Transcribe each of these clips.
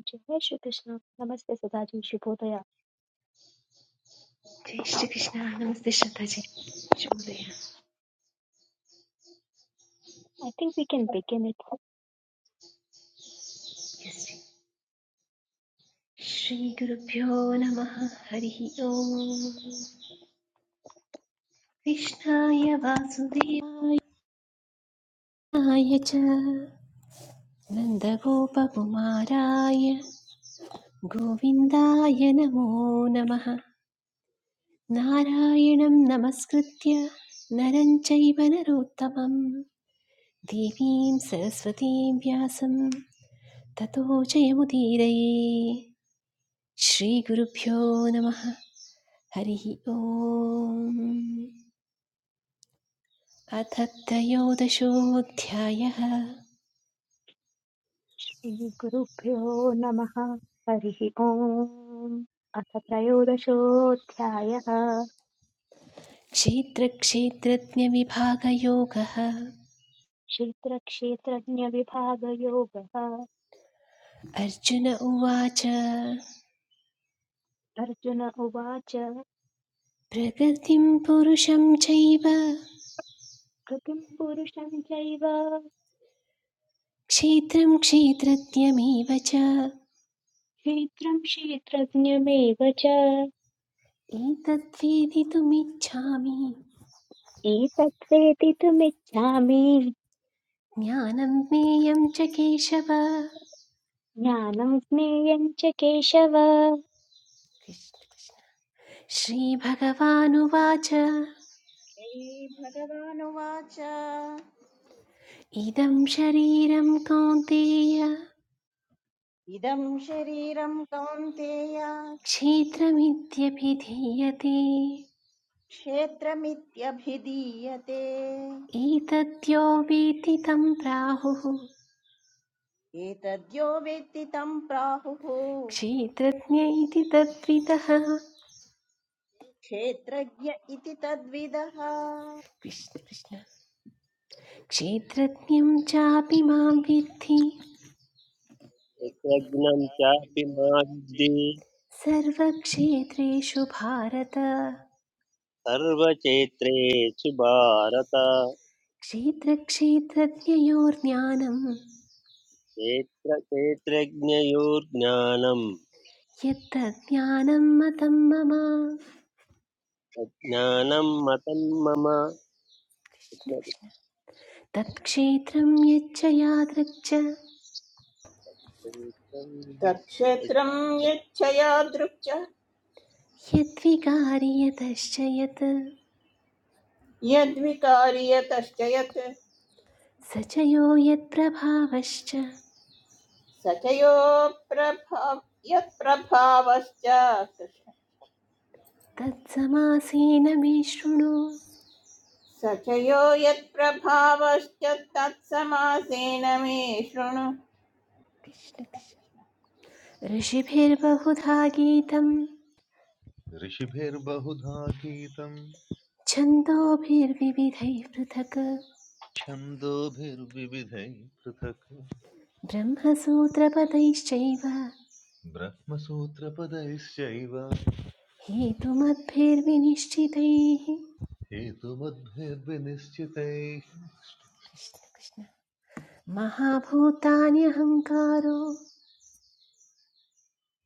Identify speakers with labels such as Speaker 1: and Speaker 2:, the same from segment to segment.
Speaker 1: जय शिव कृष्ण नमस्ते सदाजी शिव बाद या
Speaker 2: जय श्रीकृष्ण नमस्ते श्रद्धाजी शुभोदय Yes,
Speaker 1: I think we can begin it
Speaker 2: जी। श्रीगुरुभ्यो नमः हरिः ओम् कृष्णाय वासुदेवाय च नन्दगोपकुमाराय गोविन्दाय नमो नमः नारायणं नमस्कृत्य नरं चैव नरोत्तमं देवीं सरस्वतीं व्यासं ततो जयमुदीरये श्रीगुरुभ्यो नमः हरिः ओम् अथ त्रयोदशोऽध्यायः
Speaker 1: श्रीगुरु पिरो नमः श्रीॐ अथर्प्रायो दशो थ्याया
Speaker 2: क्षेत्रक्षेत्रज्ञविभागयोगः
Speaker 1: शिल्प रक्षित रज्ञ विभाग योगा
Speaker 2: अर्जुन उवाच
Speaker 1: अर्जुन उवाच
Speaker 2: प्रकृतिं पुरुषं चैव
Speaker 1: ग्रकिम्बुरुषां चाइवा
Speaker 2: क्षेत्रं क्षेत्रज्ञमेव च
Speaker 1: शीत्रम शीत्रज्ञयमेव च
Speaker 2: एतद्वेदितुमिच्छामि
Speaker 1: इत्यत्रेति तुमेजामी
Speaker 2: ज्ञानं ज्ञेयं च केशव
Speaker 1: न्यानं अपने अन्यं केशवा
Speaker 2: श्रीभगवानुवाच
Speaker 3: श्रीभगवानुवाच
Speaker 2: इदं शरीरं कौन्तेय
Speaker 3: इदं शरीरं कौन्तेय
Speaker 2: क्षेत्रमित्यभिधीयते
Speaker 3: क्षेत्रमित्यभिधीयते
Speaker 2: एतद्यो वेति तं प्राहुः
Speaker 3: एतद्यो वेत्ति तं प्राहुः
Speaker 2: क्षेत्रज्ञ इति तद्विदः
Speaker 3: क्षेत्रज्ञ इति तद्विदः
Speaker 2: कृष्ण कृष्ण क्षेत्रज्ञं चापि मां विद्धि
Speaker 4: यज्ञं चापि मा विद्धि
Speaker 2: सर्वक्षेत्रेषु भारत
Speaker 4: भारत
Speaker 2: क्षेत्रक्षेत्रज्ञयोर्ज्ञानं
Speaker 4: क्षेत्र क्षेत्रज्ञयोर्ज्ञानम्
Speaker 2: यत्तज्ज्ञानं मतं मम
Speaker 4: अज्ञानं मतं मम
Speaker 2: तत्क्षेत्रं यच्च यादृक् च
Speaker 5: तत्क्षेत्रं यच्छया दृक् च
Speaker 2: यद्विकारि यतश्च यत्
Speaker 5: यद्विकारि यतश्च यत्
Speaker 2: स च यो यत्प्रभावश्च
Speaker 5: स च यो प्रभाव यत्प्रभावश्च कृष्ण
Speaker 2: तत्समासीन मे शृणु
Speaker 5: यत्प्रभावश्च तत्समासेन मे शृणु
Speaker 2: कृष्ण कृष्ण ऋषिभिर्बहुधा गीतं
Speaker 6: ऋषिभिर्बहुधा गीतम्
Speaker 2: छन्दोभिर्विविधैः पृथक्
Speaker 6: छन्दोभिर्विविधैः पृथक्
Speaker 2: ब्रह्मसूत्रपदैश्चैव
Speaker 6: ब्रह्मसूत्रपदैश्चैव
Speaker 2: हेतुमद्भिर्विनिश्चितैः
Speaker 6: हेतुमद्भिर्विनिश्चितैः
Speaker 2: कृष्ण कृष्ण महाभूतान्यहङ्कारो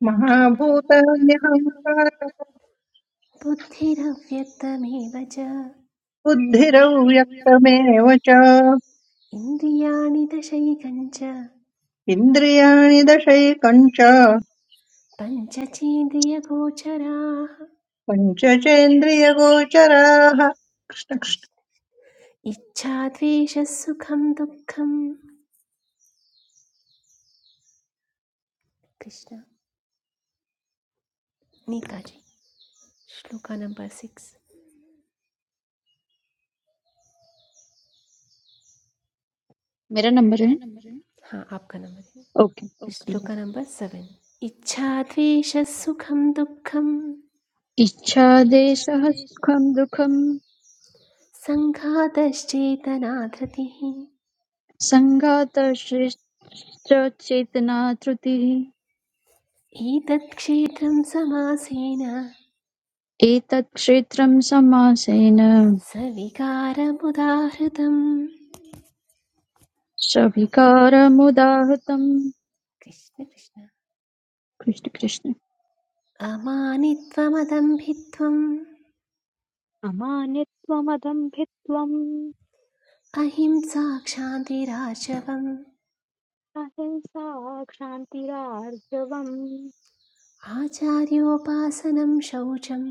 Speaker 7: महाभूतान्यहङ्कारबुद्धिरव्यक्तमेव
Speaker 2: बुद्धिरव्यक्तमेव च
Speaker 7: च
Speaker 2: इन्द्रियाणि दशैकञ्च
Speaker 7: इन्द्रियाणि दशैकम् च
Speaker 2: पञ्चचेन्द्रियगोचराः
Speaker 7: पञ्चचेन्द्रियगोचराः
Speaker 2: इच्छाद्वेषसुखं दुःखं कृष्ण नीता जी श्लोका नंबर सिक्स
Speaker 8: मेरा नंबर है
Speaker 2: हाँ आपका नंबर है
Speaker 8: ओके एक मिनट।
Speaker 2: श्लोका नंबर सेवन इच्छाद्वेषसुखं दुःखं
Speaker 8: इच्छादेशः सुखं दुःखं
Speaker 2: सङ्घातश्चेतना धृतिः
Speaker 8: सङ्घातश्रेष्ठचेतना त्रुतिः
Speaker 2: एतत्क्षेत्रं समासेन
Speaker 8: एतत् क्षेत्रं समासेन
Speaker 2: सविकारमुदाहृतम्
Speaker 8: सविकारमुदाहृतम्
Speaker 2: कृष्ण कृष्ण
Speaker 8: कृष्ण कृष्ण
Speaker 2: अमानित्वमदम्भित्वम्
Speaker 1: अमानित्वमदम्भित्वम्
Speaker 2: अहिंसा क्षान्तिराशवम्
Speaker 1: अहिंसा क्षान्तिरार्जवम्
Speaker 2: आचार्योपासनं शौचं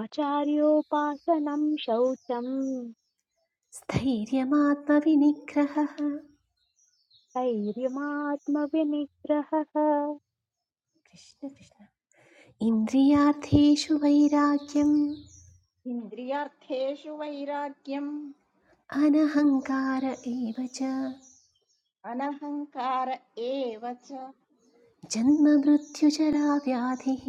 Speaker 1: आचार्योपासनम् शौचम्
Speaker 2: स्थैर्यमात्मविनिग्रहः कृष्ण
Speaker 1: धैर्यमात्मविनिग्रहः
Speaker 2: कृष्ण इन्द्रियार्थेषु वैराग्यम्
Speaker 3: इन्द्रियार्थेषु वैराग्यम्
Speaker 2: अनहङ्कार एव च
Speaker 3: अनहङ्कार एव च
Speaker 2: जन्ममृत्युचराव्याधिः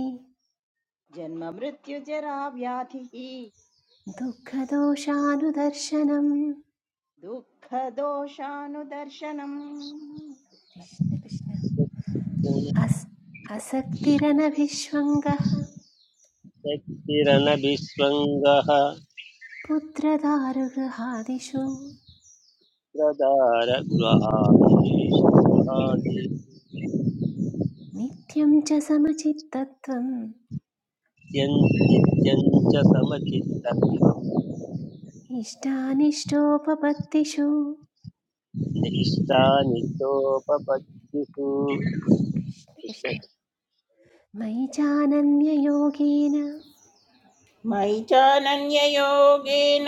Speaker 3: जन्ममृत्युजरा व्याधिः
Speaker 2: दुःखदोषानुदर्शनं
Speaker 3: दुःखदोषानुदर्शनम्
Speaker 2: कृष्ण कृष्ण
Speaker 4: शक्तिरनभिस्वङ्गः
Speaker 2: अस् असक्तिरनभिष्वङ्गः पुत्रदारुगृहादिषु
Speaker 4: प्रदार
Speaker 2: नित्यं च समचित्तत्वम्
Speaker 4: नित्यं च समचित्तत्वं
Speaker 2: इष्टानिष्टोपपत्तिषु
Speaker 4: निष्ठा नित्योपपत्तिषु
Speaker 2: कृष्ण
Speaker 4: कृष्ण
Speaker 2: कृष्ण मयि चानन्ययोगेन
Speaker 5: मयि चानन्ययोगेन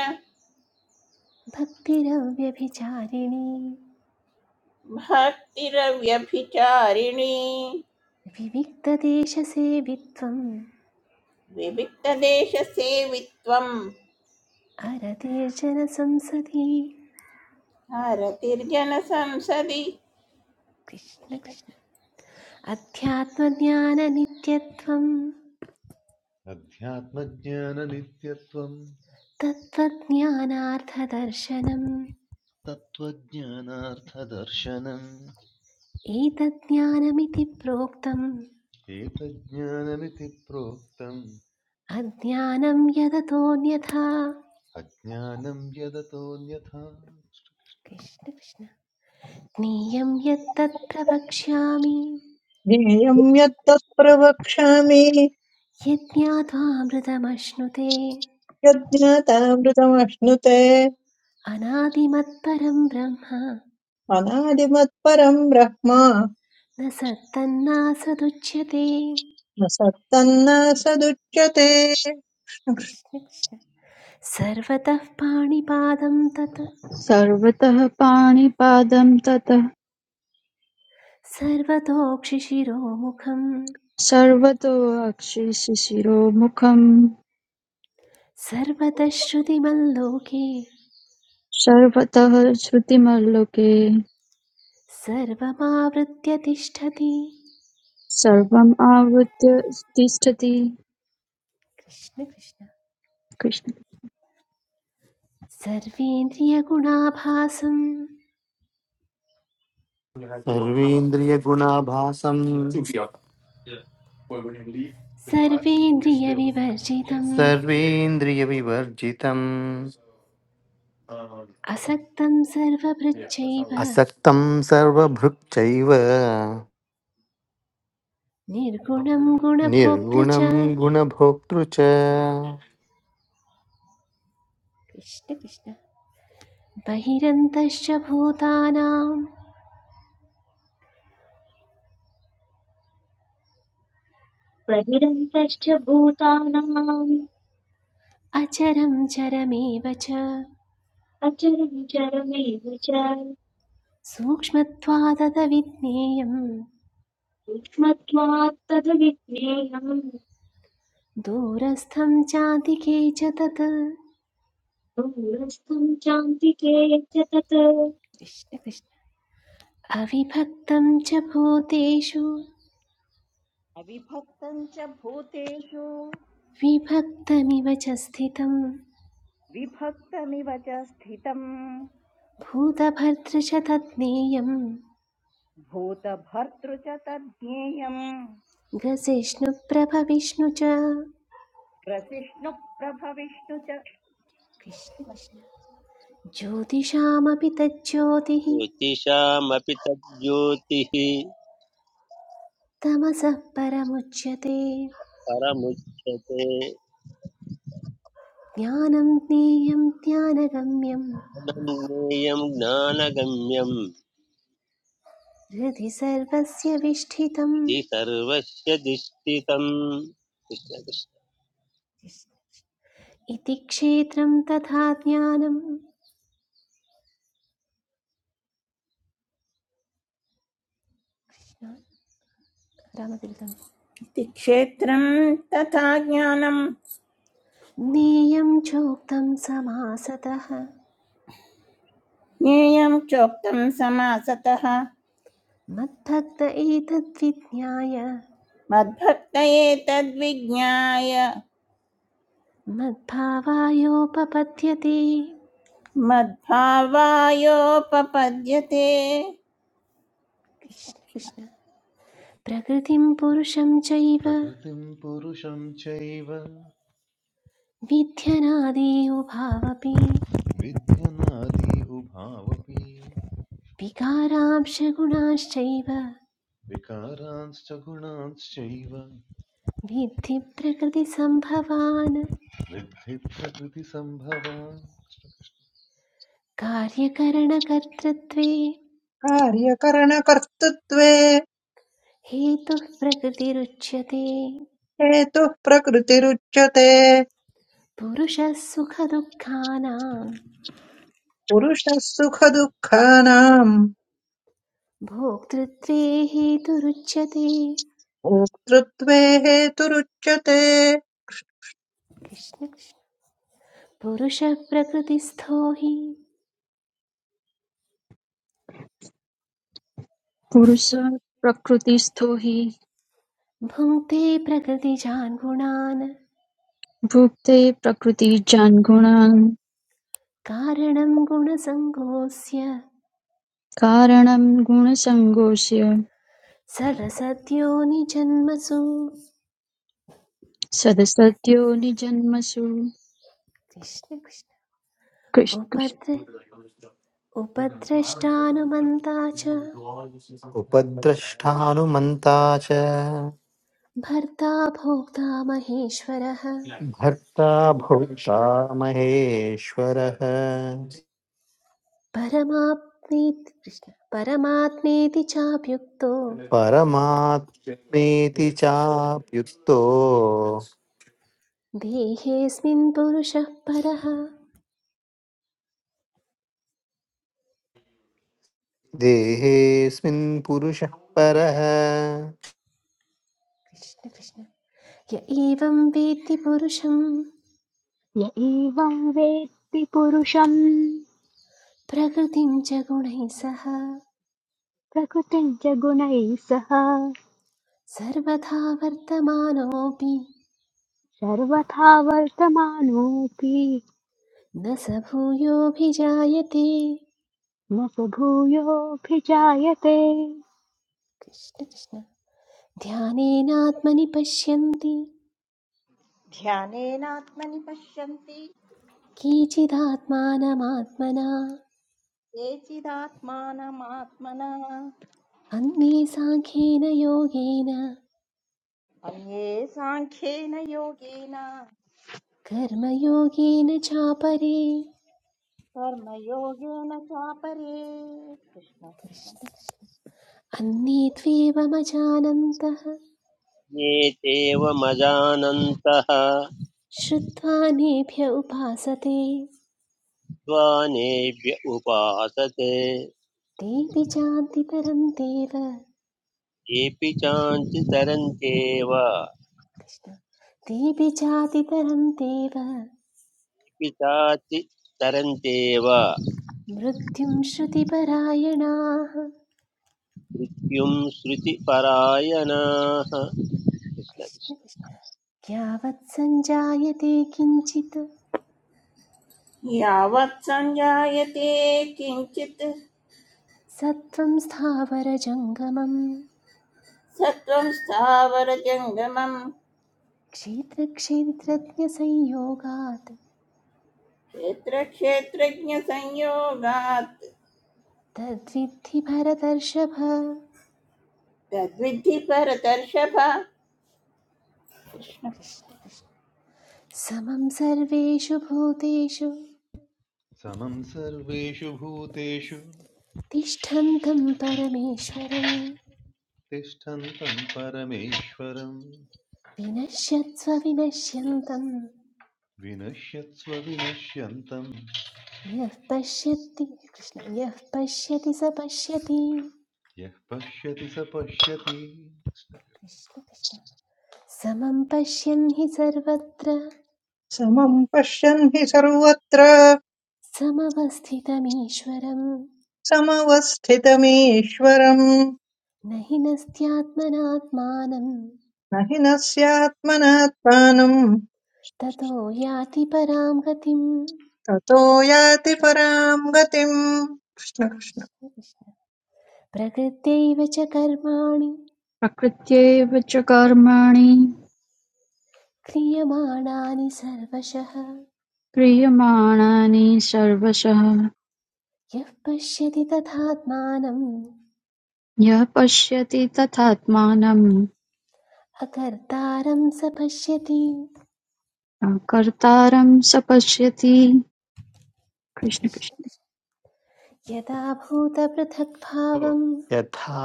Speaker 2: भक्तिरव्यभिचारिणी
Speaker 5: भक्तिरव्यभिचारिणी
Speaker 2: विविक्तदेशसेवित्वम्
Speaker 5: विविक्तदेशसेवित्वं
Speaker 2: अरतीर्जनसंसदि
Speaker 5: भारतिर्जनसंसदि
Speaker 2: कृष्ण कृष्ण अध्यात्मज्ञाननित्यत्वं
Speaker 6: अध्यात्मज्ञाननित्यत्वम्
Speaker 2: तत्त्वज्ञानार्थदर्शनम्
Speaker 6: तत्त्वज्ञानार्थदर्शनम्
Speaker 2: एतज्ज्ञानमिति प्रोक्तम्
Speaker 6: एतज्ज्ञानमिति प्रोक्तम्
Speaker 2: अज्ञानं यदतोऽन्यथा
Speaker 6: अज्ञानम् यदतोऽन्यथा
Speaker 2: कृष्ण कृष्ण ज्ञेयं यत्तत्र वक्ष्यामि
Speaker 7: ज्ञेयम् यत्तत् प्रवक्ष्यामि
Speaker 2: यज्ञात्वामृतमश्नुते
Speaker 7: यज्ञातामृतमश्नुते
Speaker 2: अनादिमत्परं ब्रह्म
Speaker 7: अनादिमत्परम् ब्रह्म
Speaker 2: न सत्तन्नासदुच्यते
Speaker 7: न सत्तन्न सदुच्यते
Speaker 2: कृष्ण कृष्ण सर्वतः पाणिपादं तत्
Speaker 8: सर्वतः पाणिपादं ततः
Speaker 2: सर्वतोक्षिशिरोमुखं
Speaker 8: सर्वतोऽक्षिशिशिरोमुखं
Speaker 2: सर्वतः श्रुतिमल्लोके
Speaker 8: सर्वतः श्रुतिमल्लोके
Speaker 2: सर्वमावृत्य तिष्ठति
Speaker 8: सर्वम् आवृत्य तिष्ठति
Speaker 2: कृष्ण कृष्ण
Speaker 8: कृष्ण।
Speaker 2: सर्वेन्द्रियगुणाभासं
Speaker 9: सर्वेन्द्रियगुणाभासं
Speaker 2: सर्वेन्द्रियविवर्जितम्
Speaker 9: सर्वेन्द्रियविवर्जितम्
Speaker 2: असक्तं सर्वभृच्चैव
Speaker 9: असक्तं सर्वभृक्चैव
Speaker 2: निर्गुणं गुणभोक्तृ
Speaker 9: निर्गुणं
Speaker 2: च
Speaker 9: गुणभोक्तृ च
Speaker 2: कृष्ण कृष्ण बहिरन्तश्च भूतानाम्
Speaker 1: प्रहिरन्तश्च भूतानाम्
Speaker 2: अचरं चरमेव च
Speaker 1: अचरञ्चरमेव च
Speaker 2: सूक्ष्मत्वादत विज्ञेयं
Speaker 1: सूक्ष्मत्वात् तद्विज्ञेयम्
Speaker 2: दूरस्थं चातिके च तत्
Speaker 1: दूरस्थम् चान्तिके च तत्
Speaker 2: कृष्ण कृष्ण अविभक्तं च भूतेषु
Speaker 3: अविभक्तम् च भूतेषु
Speaker 2: विभक्तमिव च स्थितं
Speaker 3: विभक्तमिव च स्थितम्
Speaker 2: भूतभर्तृ च तत् ज्ञेयम्
Speaker 3: भूतभर्तृ च तज्ज्ञेयम्
Speaker 2: ग्रसिष्णुप्रभ विष्णु च
Speaker 3: ग्रसिष्णुप्रभविष्णु च
Speaker 2: कृष्ण कृष्ण ज्योतिषामपि तज्ज्योतिः
Speaker 4: ज्योतिषामपि तज्ज्योतिः
Speaker 2: तमसः परमुच्यते
Speaker 4: परमुच्यते
Speaker 2: ज्ञानं ज्ञेयं ज्ञानगम्यं
Speaker 4: अनन्येयं ज्ञानगम्यं
Speaker 2: हृदि सर्वस्य विष्ठितम्
Speaker 4: विधि सर्वस्य दिष्टितम् कृष्ण कृष्ण।
Speaker 2: इति क्षेत्रं तथा ज्ञानं रामतिलकं
Speaker 5: इति क्षेत्रं तथा ज्ञानं
Speaker 2: ज्ञेयं चोक्तं समासतः
Speaker 5: ज्ञेयं चोक्तं समासतः
Speaker 2: मद्भक्त एतद्विज्ञाय
Speaker 5: मद्भक्तये तद्विज्ञाय
Speaker 2: मद्भावायोपपद्यते
Speaker 5: मद्भावायोपपद्यते
Speaker 2: कृष्ण कृष्ण प्रकृतिं पुरुषं चैव
Speaker 6: प्रकृतिम् पुरुषं चैव
Speaker 2: विध्यनादि उभावपि
Speaker 6: विद्यनादि उभावपि
Speaker 2: विकारांशगुणाश्चैव
Speaker 6: विकारांश्च गुणांश्चैव
Speaker 2: विद्धि प्रकृतिसम्भवान्
Speaker 6: वृद्धि प्रकृतिसम्भवान्
Speaker 2: कार्यकरणकर्तृत्वे
Speaker 7: कार्यकरणकर्तृत्वे
Speaker 2: हेतुः प्रकृतिरुच्यते
Speaker 7: हेतुः प्रकृतिरुच्यते
Speaker 2: पुरुषः सुखदुःखानां
Speaker 7: पुरुषः सुखदुःखानाम्
Speaker 2: भोक्तृत्वे हेतुरुच्यते
Speaker 7: भोक्तृत्वे हेतुरुच्यते
Speaker 2: कृष्ण कृष्ण। पुरुषः प्रकृतिस्थो हि
Speaker 8: पुरुषः प्रकृतिस्थो हि
Speaker 2: भुङ्क्ते प्रकृतिजान् गुणान्
Speaker 8: भुङ्क्ते प्रकृतिजान्गुणान्
Speaker 2: कारणं गुणसङ्गोऽस्य
Speaker 8: कारणं गुणसङ्गोऽस्य
Speaker 2: सरसत्यो निजन्मसु
Speaker 8: सदसद्यो निजन्मसु
Speaker 2: कृष्ण कृष्ण
Speaker 8: कृष्ण- कृष्ण।
Speaker 2: उपद्र उपद्रष्टानुमन्ता च
Speaker 9: उपद्रष्टानुमन्ता च
Speaker 2: भर्ता भोक्ता महेश्वरः
Speaker 9: भर्ता भोक्ता महेश्वरः
Speaker 2: परमाप्नेति कृष्ण परमात्मेति चाप्युक्तो
Speaker 9: परमात्मेति चाप्युक्तो
Speaker 2: देहेऽस्मिन् पुरुषः परः
Speaker 9: देहेऽस्मिन् पुरुषः परः
Speaker 2: कृष्ण कृष्ण य एवं वेत्ति पुरुषं
Speaker 1: य एवं वेत्ति पुरुषम्
Speaker 2: प्रकृतिं च गुणैः सह
Speaker 1: प्रकृतिम् च गुणैः सह
Speaker 2: सर्वथा वर्तमानोऽपि
Speaker 1: सर्वथा वर्तमानोऽपि
Speaker 2: न स भूयोऽभिजायते
Speaker 1: न स भूयोऽभिजायते
Speaker 2: कृष्ण कृष्ण ध्यानेनात्मनि पश्यन्ति
Speaker 3: ध्यानेनात्मनि पश्यन्ति
Speaker 2: केचिदात्मानमात्मना
Speaker 3: केचिदात्मानमात्मना
Speaker 2: अन्ये साङ्ख्येन योगेन
Speaker 3: अन्ये साङ्ख्येन योगेन
Speaker 2: कर्मयोगेन चापरे
Speaker 3: कर्मयोगेन चापरे कृष्ण कृष्ण
Speaker 2: अन्ये त्वेवमजानन्तः
Speaker 4: ये चैवमजानन्तः
Speaker 2: श्रुत्वा नेभ्य उपासते
Speaker 4: त्वानेभ्य उपासते
Speaker 2: तेऽपि चान्ति तरन्तेव
Speaker 4: येऽपि चान्ति तरन्त्येव येऽपि
Speaker 2: कृष्ण तेऽपि चाति तरन्तेव
Speaker 4: चाति तरन्त्येव
Speaker 2: मृत्युं श्रुतिपरायणाः
Speaker 4: मृत्युं श्रुतिपरायणाः कृष्ण कृष्ण।
Speaker 2: कृष्ण कृष्ण यावत् सञ्जायते किञ्चित्
Speaker 5: यावत् सञ्जायते किञ्चित्
Speaker 2: सत्त्वं स्थावरजङ्गमम्
Speaker 5: सत्त्वं स्थावरजङ्गमं
Speaker 2: क्षेत्रक्षेत्रज्ञसंयोगात्
Speaker 5: क्षेत्रक्षेत्रज्ञसंयोगात्
Speaker 2: तद्विद्धि भरतर्षभ
Speaker 5: तद्विद्धि परतर्षभ
Speaker 2: कृष्ण कृष्ण समं सर्वेषु भूतेषु
Speaker 6: समं सर्वेषु भूतेषु
Speaker 2: तिष्ठन्तं परमेश्वरं
Speaker 6: तिष्ठन्तं परमेश्वरं
Speaker 2: विनश्यत्स्व विनश्यन्तं
Speaker 6: विनश्यत्स्व विनश्यन्तं
Speaker 2: यः पश्यति कृष्ण यः पश्यति स पश्यति
Speaker 6: यः पश्यति स पश्यति
Speaker 2: कृष्ण कृष्ण समं पश्यन् हि सर्वत्र
Speaker 7: समं पश्यन् हि सर्वत्र
Speaker 2: समवस्थितमीश्वरं
Speaker 7: समवस्थितमीश्वरम्
Speaker 2: न हि नस्त्यात्मनात्मानं
Speaker 7: न हि नस्यात्मनात्मानं
Speaker 2: ततो याति परां गतिम्
Speaker 7: ततो याति परां गतिम् कृष्ण कृष्ण
Speaker 2: कृष्ण, कृष्ण। प्रकृत्यैव च कर्माणि
Speaker 8: प्रकृत्यैव च कर्माणि
Speaker 2: क्रियमाणानि सर्वशः
Speaker 8: क्रियमाणानि सर्वशः
Speaker 2: यः पश्यति तथात्मानम्
Speaker 8: यः पश्यति तथात्मानं
Speaker 2: अकर्तारं स पश्यति
Speaker 8: कर्तारं स पश्यति कृष्ण कृष्ण।
Speaker 2: यदा भूतपृथक्भावम्
Speaker 9: यथा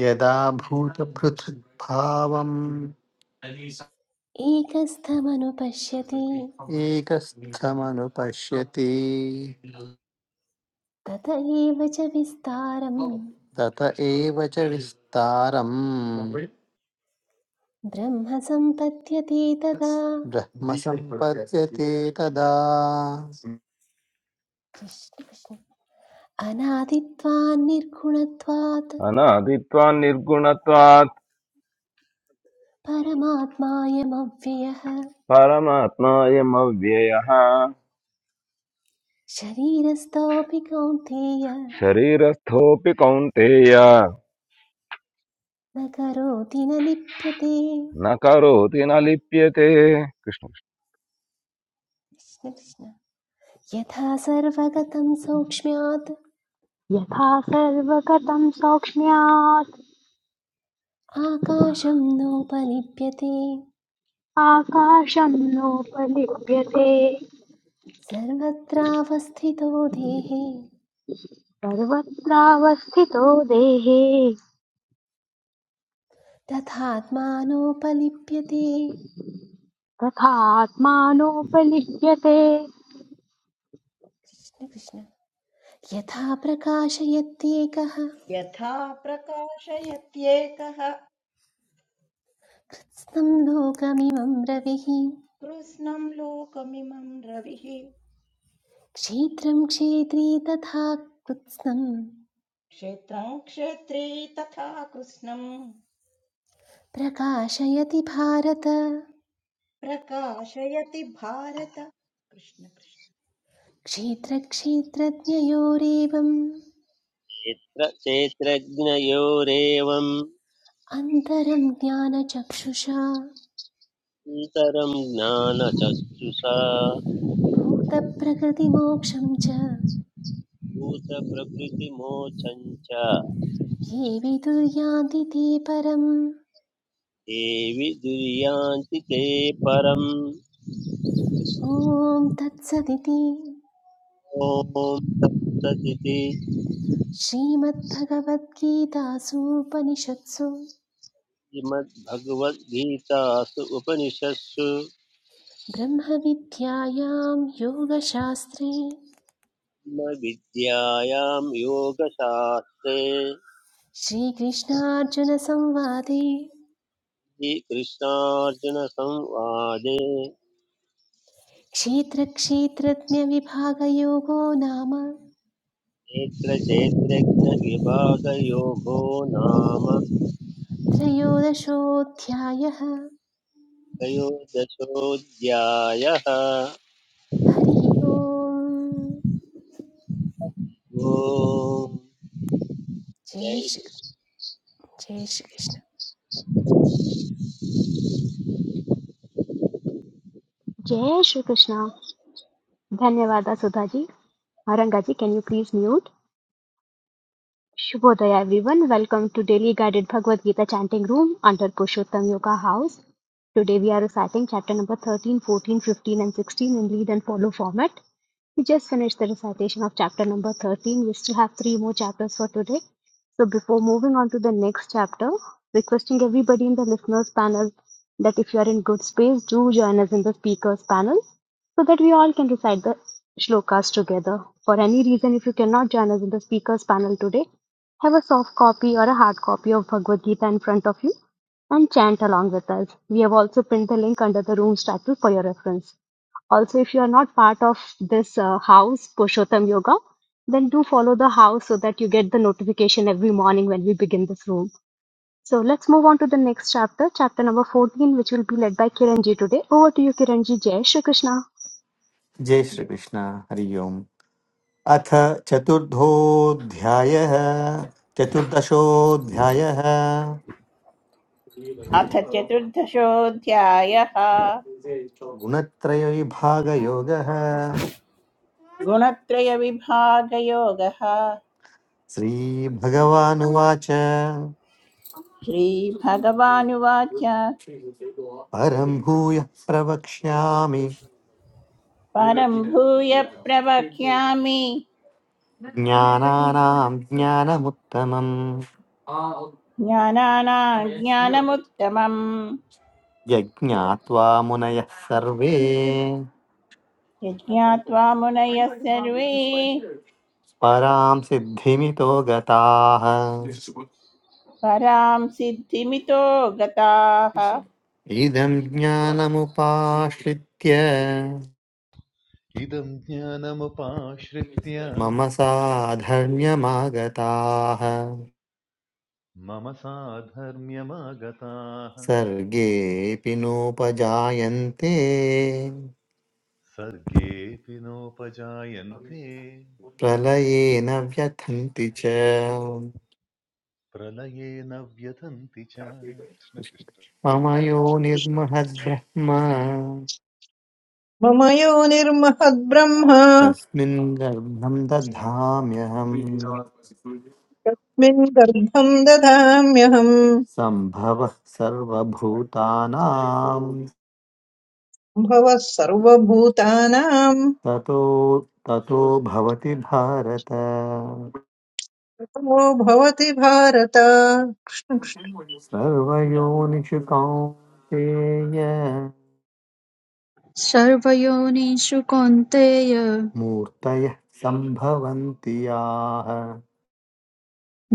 Speaker 9: यदा भूतपृथग्भावम्
Speaker 2: एकस्थमनुपश्यति
Speaker 9: एकस्थमनुपश्यति
Speaker 2: तत एव च विस्तारं
Speaker 9: तत एव च विस्तारम्
Speaker 2: ब्रह्म सम्पद्यते तदा
Speaker 9: ब्रह्म सम्पद्यते तदा
Speaker 2: कृष्ण कृष्ण अनादित्वान् निर्गुणत्वात्
Speaker 10: अनादित्वा निर्गुणत्वात्
Speaker 2: परमात्मायमव्ययः
Speaker 10: परमात्मायमव्ययः
Speaker 2: शरीरस्थोऽपि कौन्तेय
Speaker 10: शरीरस्थोऽपि कौन्तेय
Speaker 2: न करोति न लिप्यते
Speaker 10: न करोति न लिप्यते कृष्ण
Speaker 2: कृष्ण कृष्ण यथा सर्वगतं सौक्ष्म्यात्
Speaker 1: यथा सर्वगतं सौक्ष्म्यात्
Speaker 2: आकाशं नोपलिप्यते
Speaker 1: आकाशं नोपलिप्यते
Speaker 2: सर्वत्रावस्थितो देहे
Speaker 1: सर्वत्रावस्थितो देहे
Speaker 2: तथात्मानोपलिप्यते
Speaker 1: तथात्मानोपलिप्यते
Speaker 2: कृष्ण कृष्ण यथा प्रकाशयत्येकः
Speaker 3: यथा प्रकाशयत्येकः
Speaker 2: कृत्स्नं लोकमिमं रविः
Speaker 3: कृष्णम् लोकमिमम् रविः
Speaker 2: क्षेत्रं क्षेत्री तथा कृत्स्नं
Speaker 3: क्षेत्रं क्षेत्री तथा कृष्णं
Speaker 2: प्रकाशयति भारत
Speaker 3: प्रकाशयति भारत कृष्ण कृष्ण
Speaker 2: क्षेत्रक्षेत्रज्ञयोरेवम्
Speaker 4: क्षेत्र क्षेत्रज्ञयोरेवम्
Speaker 2: अन्तरं ज्ञानचक्षुषा
Speaker 4: अन्तरं ज्ञानचक्षुषा
Speaker 2: भूतप्रकृतिमोक्षं च
Speaker 4: भूतप्रकृतिमोचम् च
Speaker 2: ये विदुर्यान्ति ते परम्
Speaker 4: देवि दुर्यान्ति ते परम्
Speaker 2: ॐ तत्सदिति
Speaker 4: ॐ तत्सदिति
Speaker 2: श्रीमद्भगवद्गीतासूपनिषत्सु
Speaker 4: श्रीमद्भगवद्गीतासु उपनिषत्सु
Speaker 2: ब्रह्मविद्यायां योगशास्त्रे
Speaker 4: विद्यायां योगशास्त्रे
Speaker 2: श्रीकृष्णार्जुनसंवादे
Speaker 4: श्रीकृष्णार्जुनसंवादे
Speaker 2: क्षेत्रक्षेत्रज्ञविभागयोगो नाम
Speaker 4: क्षेत्रक्षेत्रज्ञविभागयोगो नाम
Speaker 2: त्रयोदशोऽध्यायः
Speaker 4: त्रयोदशोऽध्यायः
Speaker 2: हरिः ओम्
Speaker 4: ॐ
Speaker 2: जय श्री
Speaker 4: जयश्रीकृष्णं
Speaker 2: जय श्रीकृष्ण
Speaker 1: जय श्री कृष्णा धन्यवाद सुधा जी औरंगा जी can you please mute Shubhodaya everyone, welcome to daily guided Bhagavad Gita chanting room under Pushottam Yoga House. Today we are reciting chapter number 13, 14, 15, and 16 in lead and follow format. We just finished the recitation of chapter number 13. We still have three more chapters for today. So, before moving on to the next chapter, requesting everybody in the listeners panel that if you are in good space, do join us in the speakers panel so that we all can recite the shlokas together. For any reason, if you cannot join us in the speakers panel today, have a soft copy or a hard copy of Bhagavad Gita in front of you and chant along with us. We have also pinned the link under the room's title for your reference. Also, if you are not part of this uh, house, Purushottam Yoga, then do follow the house so that you get the notification every morning when we begin this room. So let's move on to the next chapter, chapter number 14, which will be led by Kiranji today. Over to you, Kiranji. Jai Shri Krishna.
Speaker 9: जय श्रीकृष्ण हरि ओम् अथ चतुर्थोऽध्यायः चतुर्दशोऽध्यायः
Speaker 5: अथ चतुर्दशोऽध्यायः
Speaker 9: गुणत्रयविभागयोगः
Speaker 5: गुणत्रय विभागयोगः।
Speaker 9: श्रीभगवानुवाच
Speaker 5: श्री श्रीभगवानुवाच
Speaker 9: परं भूयः प्रवक्ष्यामि
Speaker 5: परं भूय प्रवक्ष्यामि
Speaker 9: ज्ञानानां ज्ञानमुत्तमम्
Speaker 5: ज्ञानानाज्ञानमुत्तमम्
Speaker 9: यज्ञात्वा मुनयः सर्वे
Speaker 5: यज्ञात्वा मुनयः सर्वे
Speaker 9: परां सिद्धिमितो गताः
Speaker 5: परां सिद्धिमितो गताः
Speaker 9: इदं ज्ञानमुपाश्रित्य
Speaker 6: इदं ज्ञानमुपाश्रित्य
Speaker 9: मम साधर्म्यमागताः
Speaker 6: मम साधर्म्यमागताः
Speaker 9: सर्गेऽपि नोपजायन्ते
Speaker 6: सर्गेऽपि नोपजायन्ते
Speaker 9: प्रलये न व्यथन्ति च
Speaker 6: प्रलये न व्यथन्ति च कृष्ण कृष्ण।
Speaker 9: मम यो निर्महद्ब्रह्म
Speaker 7: मम यो निर्महद्ब्रह्म
Speaker 9: तस्मिन् गर्भं दधाम्यहम्
Speaker 7: तस्मिन् गर्भं ददाम्यहम्
Speaker 9: सम्भवः सर्वभूतानां
Speaker 7: भवः सर्वभूतानां
Speaker 9: ततो ततो भवति भारत
Speaker 7: ततो भवति भारत
Speaker 9: सर्वयोनिषु कौन्तेय
Speaker 8: सर्वयोनिषु कौन्तेय
Speaker 9: मूर्तयः सम्भवन्ति याः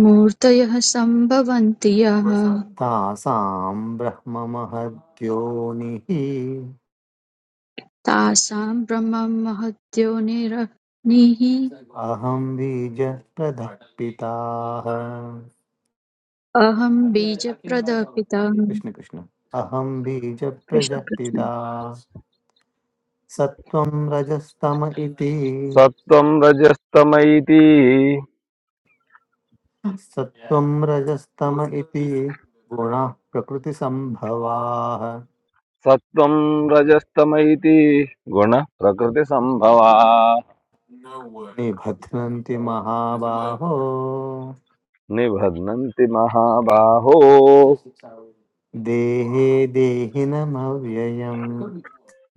Speaker 8: मूर्तयः सम्भवन्ति यः
Speaker 9: तासां ब्रह्ममहद्योनिः
Speaker 8: तासां ब्रह्ममहद्योनिरग्निः
Speaker 9: अहं बीजप्रदः पिताः
Speaker 8: अहं बीजप्रदः पितः
Speaker 9: कृष्ण कृष्ण अहं
Speaker 8: कृष्ण
Speaker 9: बीजप्रजः
Speaker 8: कृष्ण।
Speaker 9: पिता सत्त्वं रजस्तम इति
Speaker 10: कृष्ण। सत्त्वं रजस्तमैति
Speaker 9: सत्त्वं रजस्तम इति गुणाः प्रकृतिसम्भवाः
Speaker 10: सत्त्वं रजस्तमैति गुणः प्रकृतिसम्भवा
Speaker 9: निबध्नन्ति महाबाहो
Speaker 10: निबध्नन्ति महाबाहो
Speaker 9: देहे देहिनमव्ययम्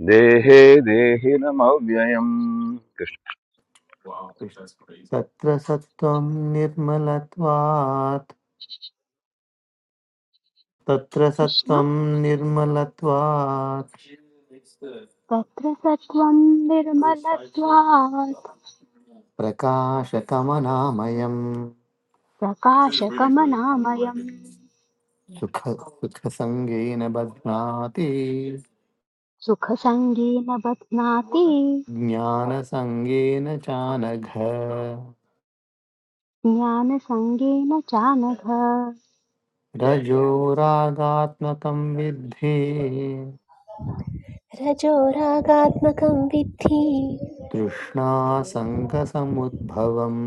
Speaker 10: देहे देहिनमव्ययम् कृष्ण
Speaker 9: तत्र सत्त्वं निर्मलत्वात् तत्र
Speaker 1: Krishna.
Speaker 9: सत्त्वं निर्मलत्वात्
Speaker 1: तत्र सत्त्वं निर्मलत्वात्
Speaker 9: प्रकाशकमनामयम्
Speaker 1: प्रकाशकमनामयम्
Speaker 9: सुख सुखसङ्गेन बध्नाति
Speaker 1: सुखसङ्गेन बध्नाति
Speaker 9: ज्ञानसङ्गेन चानघ
Speaker 1: ज्ञानसङ्गेन चानघ
Speaker 9: रजोरागात्मकं विद्धि
Speaker 2: रजोरागात्मकं विद्धि
Speaker 9: तृष्णासङ्गसमुद्भवम्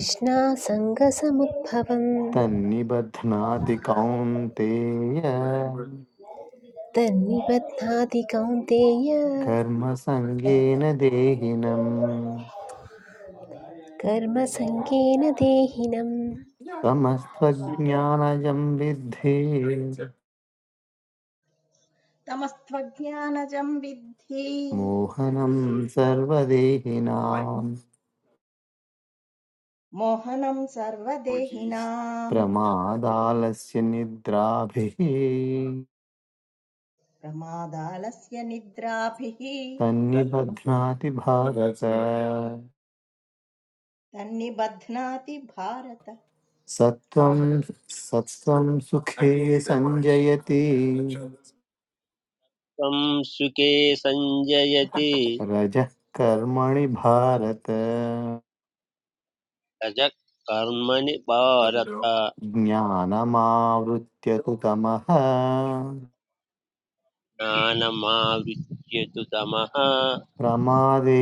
Speaker 2: तृष्णासङ्गसमुद्भवम्
Speaker 9: तन्निबध्नाति कौन्तेय
Speaker 2: तन्निबध्नाति कौन्तेय
Speaker 9: कर्मसङ्गेन देहिनम्
Speaker 2: कर्मसङ्गेन देहिनम्
Speaker 9: समस्त्वज्ञानजं विद्धि
Speaker 3: तमस्त्वज्ञानजं विद्धि
Speaker 9: मोहनं सर्वदेहिनां
Speaker 3: मोहनं सर्वदेहिनां
Speaker 9: प्रमादालस्य निद्राभिः
Speaker 3: प्रमादालस्य निद्राभिः
Speaker 9: तन्निबध्नाति भारत
Speaker 3: तन्निबध्नाति भारत
Speaker 9: सत्वं
Speaker 3: कृष्ण
Speaker 9: सत्त्वं सुखे संजयति
Speaker 4: सुखे सञ्जयति
Speaker 9: रजः कर्मणि भारत
Speaker 4: रज कर्मणि भारत
Speaker 9: ज्ञानमावृत्य तु तमः
Speaker 4: ज्ञानमावृत्य तु तमः
Speaker 9: प्रमादे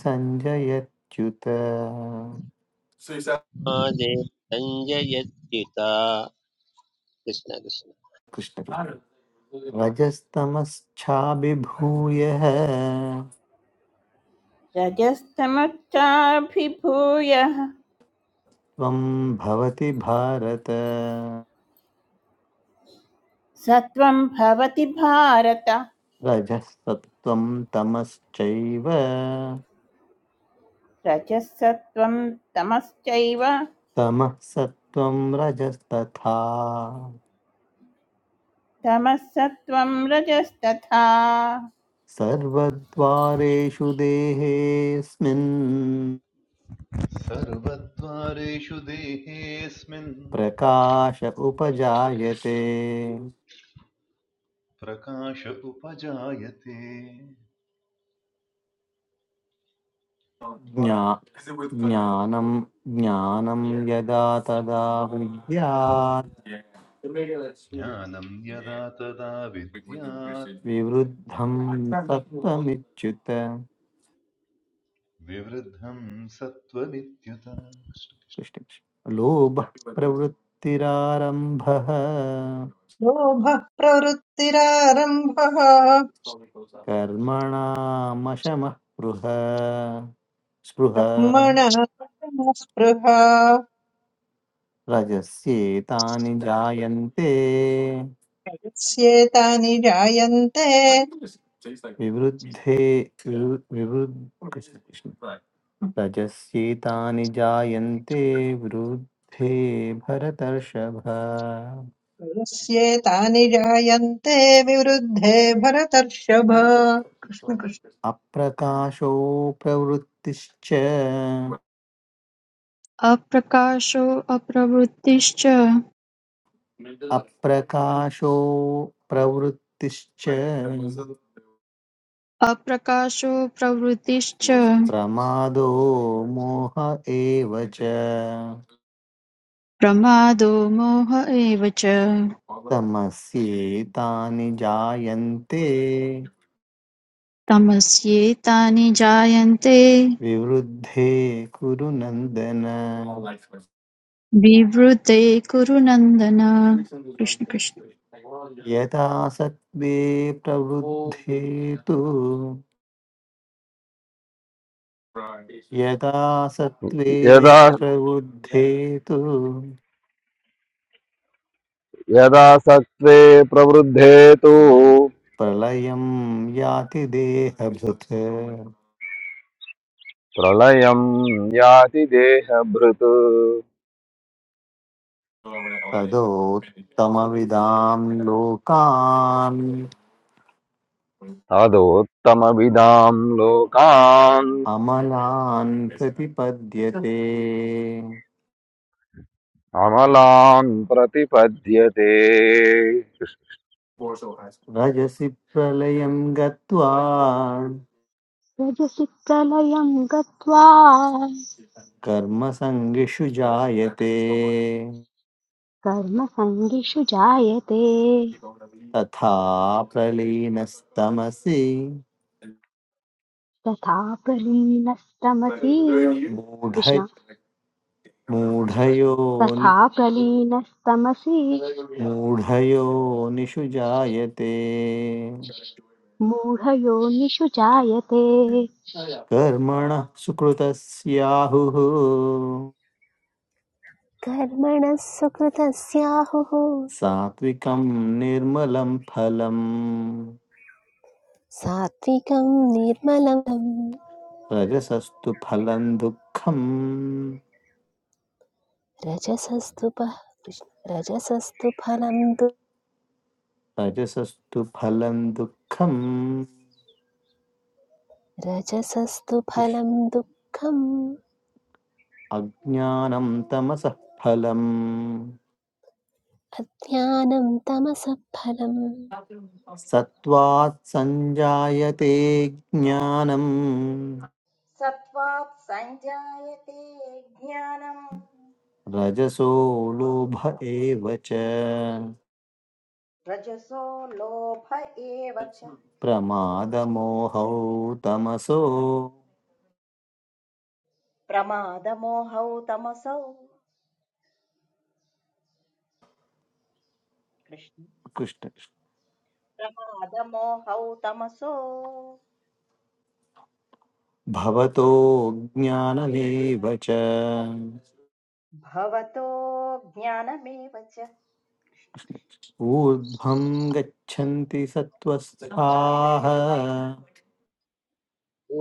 Speaker 9: सञ्जयत्युत
Speaker 4: मादे सञ्जयत्युत कृष्ण कृष्ण
Speaker 9: कृष्ण रजस्तमश्चाभिभूय
Speaker 5: रजस्तमश्चाभिभूय
Speaker 9: त्वं भवति भारत
Speaker 5: सत्वं भवति भारत
Speaker 9: रजसत्त्वं तमश्चैव
Speaker 5: रजसत्वं तमश्चैव
Speaker 9: तमः सत्त्वं रजस्तथा
Speaker 5: तमसत्वं रजस्तथा
Speaker 9: सर्वद्वारेषु देहेऽस्मिन्
Speaker 6: सर्वद्वारेषु देहेऽस्मिन्
Speaker 9: प्रकाश उपजायते
Speaker 6: प्रकाश उपजायते
Speaker 9: ज्ञा ज्ञानं ज्ञानं यदा तदा विद्यात्
Speaker 6: ज्ञानं यदा तदा विद्यात्
Speaker 9: विवृद्धं सत्त्वमिच्युत
Speaker 6: विवृद्धं सत्त्वमित्युत
Speaker 9: कृष्णकृष्ण लोभः प्रवृत्तिरारम्भः
Speaker 7: लोभः प्रवृत्तिरारम्भः
Speaker 9: कर्मणामशमः स्पृह स्पृह
Speaker 7: ब्रह्मणः स्पृहा
Speaker 9: रजस्येतानि जायन्ते
Speaker 7: यस्येतानि जायन्ते
Speaker 9: विवृद्धे विवृ- विवृ- कृष्ण कृष्ण। रजस्येतानि जायन्ते वृद्धे भरतर्षभ
Speaker 7: यस्येतानि जायन्ते विवृद्धे भरतर्षभ कृष्ण कृष्ण
Speaker 9: अप्रकाशो प्रवृत्तिश्च
Speaker 8: अप्रकाशो अप्रवृत्तिश्च
Speaker 9: अप्रकाशो प्रवृत्तिश्च
Speaker 8: अप्रकाशो प्रवृत्तिश्च
Speaker 9: प्रमादो मोह एव च
Speaker 8: प्रमादो मोह एव च
Speaker 9: तमस्येतानि जायन्ते
Speaker 8: तमस्येतानि जायन्ते
Speaker 9: विवृद्धे कुरु नन्दन
Speaker 8: विवृते कुरु नन्दन कृष्ण कृष्ण
Speaker 9: यदा सत्त्वे प्रवृद्धे तु यदा सत्त्वे
Speaker 10: यदा
Speaker 9: प्रवृद्धे तु
Speaker 10: यदा सत्त्वे प्रवृद्धे तु
Speaker 9: प्रलयं याति देहभृत्
Speaker 10: प्रलयम् याति देहभृत्
Speaker 9: तदोत्तमविदां लोकान्
Speaker 10: तदोत्तमविदाम् लोकान्
Speaker 9: अमलान् प्रतिपद्यते
Speaker 10: अमलान् प्रतिपद्यते
Speaker 9: रजसि प्रलयं गत्वा
Speaker 1: रजसि प्रलयं गत्वा
Speaker 9: कर्मसङ्गिषु जायते
Speaker 1: कर्मसङ्गिषु जायते
Speaker 9: तथा प्रलीनस्तमसि
Speaker 1: तथा प्रलीनस्तमसि
Speaker 9: मूढ
Speaker 1: कृष्ण
Speaker 9: मूढयो नि-
Speaker 1: तथा प्रलीनस्तमसि
Speaker 9: मूढयोनिषु जायते
Speaker 1: मूढयोनिषु जायते
Speaker 9: कर्मणः सुकृतस्याहुः
Speaker 2: कर्मणः सुकृतस्याहुः
Speaker 9: सात्विकं निर्मलं फलम्
Speaker 2: सात्विकं निर्मलं
Speaker 9: रजसस्तु फलं दुःखं
Speaker 2: रजसस्तु प- कृष्ण- रजसस्तु फलं दु
Speaker 9: रजसस्तु फलं दुःखम्
Speaker 2: रजसस्तु
Speaker 9: कृष्-
Speaker 2: फलं दुःखम्
Speaker 9: अज्ञानं तमसः फलम्
Speaker 2: अज्ञानं तमसः फलम्
Speaker 9: सत्त्वात् सञ्जायते ज्ञानम्
Speaker 3: सत्त्वात् सञ्जायते ज्ञानं
Speaker 9: रजसो लोभ एव च
Speaker 3: रजसो लोभ एव च
Speaker 9: प्रमादमोहौ तमसो
Speaker 3: प्रमादमोहौ तमसौ कृष्ण
Speaker 9: कृष्ण कृष्ण।
Speaker 3: प्रमादमोहौ तमसो
Speaker 9: भवतो ज्ञानमेव च
Speaker 3: भवतो ज्ञानमेव च
Speaker 9: कृष्ण कृष्ण। ऊर्ध्वं गच्छन्ति सत्त्वस्थाः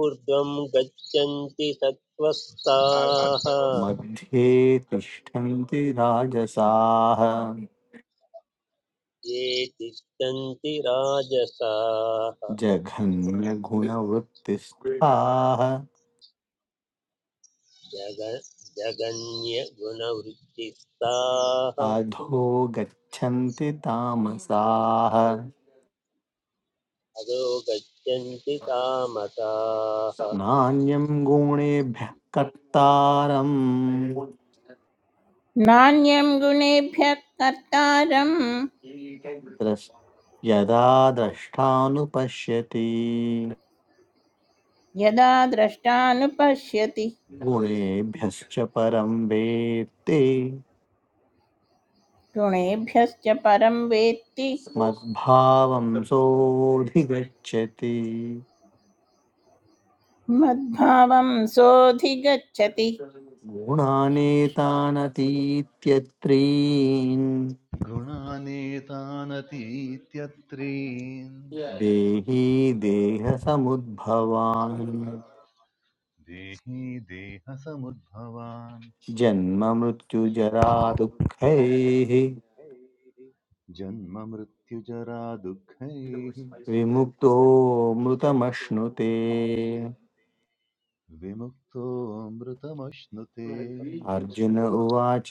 Speaker 4: ऊर्ध्वं गच्छन्ति सत्त्वस्ताः
Speaker 9: मध्ये तिष्ठन्ति राजसाः
Speaker 4: ये तिष्ठन्ति राजसाः
Speaker 9: जघन्यगुणवृत्तिस्थाः
Speaker 4: जग जगन्यगुणवृत्तिस्ताः
Speaker 9: अधो गच्छन्ति तामसाः
Speaker 4: अधो गच्छन्ति कामताः
Speaker 9: नान्यं गुणेभ्यः कर्तारम्
Speaker 5: नान्यं गुणेभ्यः कर्तारम्
Speaker 9: द्रष् यदा द्रष्टानुपश्यति
Speaker 5: यदा द्रष्टानुपश्यति
Speaker 9: गुणेभ्यश्च परं वेत्ते
Speaker 5: गुणेभ्यश्च परं वेत्ति
Speaker 9: मद्भावं सोऽधिगच्छति
Speaker 5: मद्भावं सोऽधिगच्छति
Speaker 9: गुणानेतानतीत्यत्रीन्
Speaker 6: गुणानेतानतीत्यत्रीन्
Speaker 9: देही देहसमुद्भवान्
Speaker 6: देही देहसमुद्भवान्
Speaker 9: जन्ममृत्युजरा दुःखैः
Speaker 6: जन्ममृत्युजराभैः जन्ममृत्युजरा दुःखैः
Speaker 9: विमुक्तो
Speaker 6: विमुक्तो
Speaker 9: मृतमश्नुते
Speaker 6: मृतमश्नुते विमुक्तोऽमृतमश्नुते
Speaker 9: अर्जुन उवाच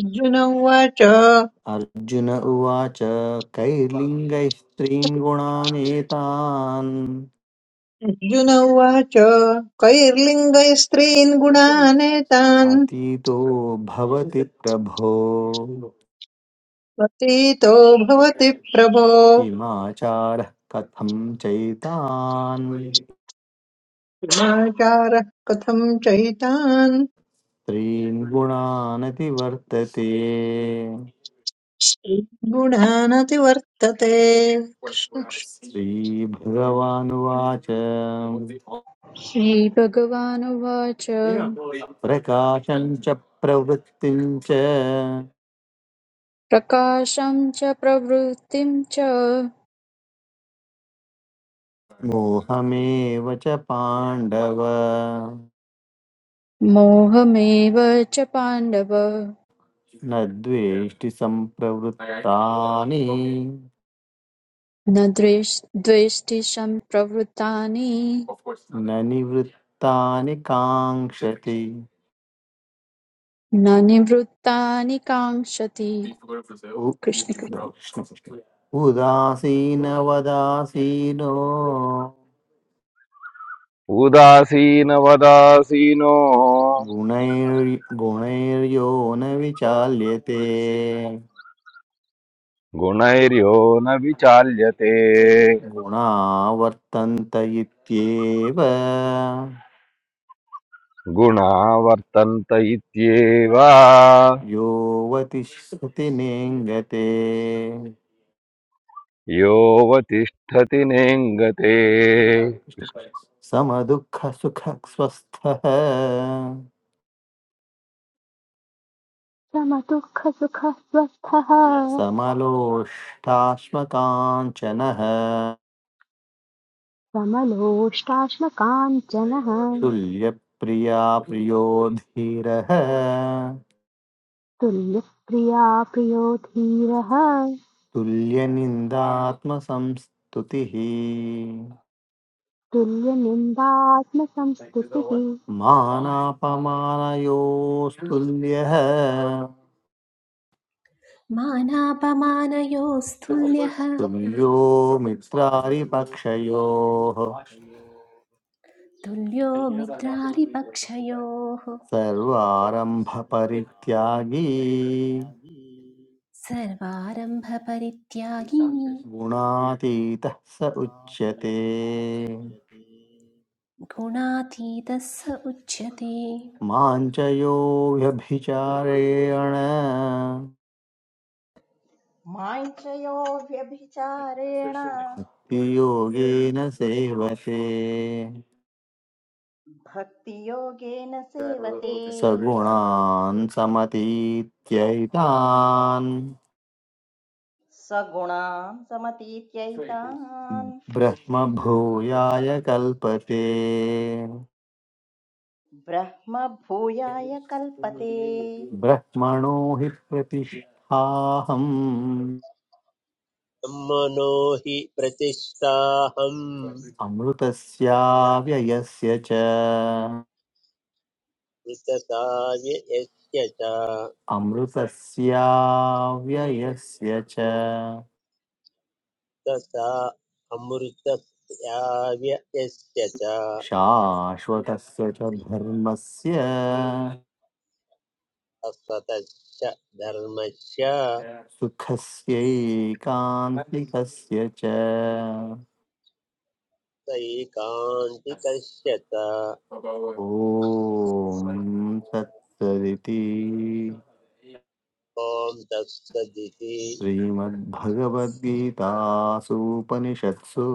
Speaker 7: अर्जुन उवाच
Speaker 9: अर्जुन उवाच कैर्लिङ्गैस्त्रीन् गुणानेतान्
Speaker 7: अर्जुन उवाच कैर्लिङ्गैस्त्रीन् गुणानेतान्
Speaker 9: अतीतो भवति प्रभो
Speaker 7: प्रतीतो भवति प्रभो
Speaker 9: किमाचारः कथं चैतान्
Speaker 7: गुणाचारः कथं चैतान्
Speaker 9: त्रीन् गुणानतिवर्तते
Speaker 7: गुणानतिवर्तते कृष्ण
Speaker 9: श्रीभगवानुवाच
Speaker 8: श्रीभगवानुवाच
Speaker 9: प्रकाशं च प्रवृत्तिं च
Speaker 8: प्रकाशं च प्रवृत्तिं च
Speaker 9: मोहमेव च पाण्डव
Speaker 8: मोहमेव च पाण्डव
Speaker 9: न द्वेष्टि सम्प्रवृत्तानि
Speaker 8: न द्वेष- द्वेष्टिशं प्रवृत्तानि
Speaker 9: न निवृत्तानि काङ्क्षति
Speaker 8: न निवृत्तानि काङ्क्षति
Speaker 9: उ-
Speaker 8: कृष्ण कृष्ण।
Speaker 9: उदासीनवदासीनो
Speaker 10: उदासीनवदासीनो
Speaker 9: गुणैर् गुणैर्यो न विचाल्यते
Speaker 10: गुणैर्यो न विचाल्यते
Speaker 9: गुणा वर्तन्त इत्येव
Speaker 10: गुणा वर्तन्त इत्येव
Speaker 9: यो वतिष्ठति नेङ्गते
Speaker 10: योऽवतिष्ठति नेङ्गते
Speaker 9: समदुःखसुखस्वस्थः
Speaker 1: समदुःखसुखः
Speaker 9: समलोष्टाश्मकाञ्चनः
Speaker 1: समलोष्टाश्मकाञ्चनः
Speaker 9: तुल्यप्रिया प्रियो धीरः
Speaker 1: तुल्यप्रिया प्रियो धीरः
Speaker 9: तुल्यनिन्दात्मसंस्तुतिः
Speaker 1: तुल्यनिन्दात्मसंस्तुतिः
Speaker 9: मानापमानयोस्तुल्यः
Speaker 2: मानापमानयोस्तुल्यः
Speaker 9: तुल्यो मित्रारिपक्षयोः
Speaker 2: तुल्यो मित्रारिपक्षयोः
Speaker 9: सर्वारम्भपरित्यागी
Speaker 2: सर्वारम्भपरित्यागी
Speaker 9: गुणातीतः स उच्यते
Speaker 2: गुणातीतः स उच्यते
Speaker 9: मां च यो व्यभिचारेण
Speaker 3: माञ्छयोऽव्यभिचारेण
Speaker 9: योगेन सेवते
Speaker 3: भक्तियोगेन सेवते
Speaker 9: सगुणान् समतीत्यैतान्
Speaker 3: सगुणान् समतीत्यैतान्
Speaker 9: ब्रह्मभूयाय कल्पते
Speaker 3: ब्रह्म भूयाय कल्पते
Speaker 9: ब्रह्मणो हि प्रतिष्ठाहम्
Speaker 4: ब्रह्मणो हि प्रतिष्ठाहम्
Speaker 9: अमृतस्याव्ययस्य च
Speaker 4: मृतसाव्य यस्य च
Speaker 9: अमृतस्याव्ययस्य च
Speaker 4: तथा अमृतसाव्य यस्य च
Speaker 9: शाश्वतस्य च धर्मस्य
Speaker 4: अस्वतश्च धर्मस्य
Speaker 9: सुखस्यैकान्तिकस्य च
Speaker 4: सैकान्तिकस्य च
Speaker 9: ॐ तत्सदिति
Speaker 4: ॐ तत्सदिति
Speaker 9: श्रीमद्भगवद्गीतासूपनिषत्सु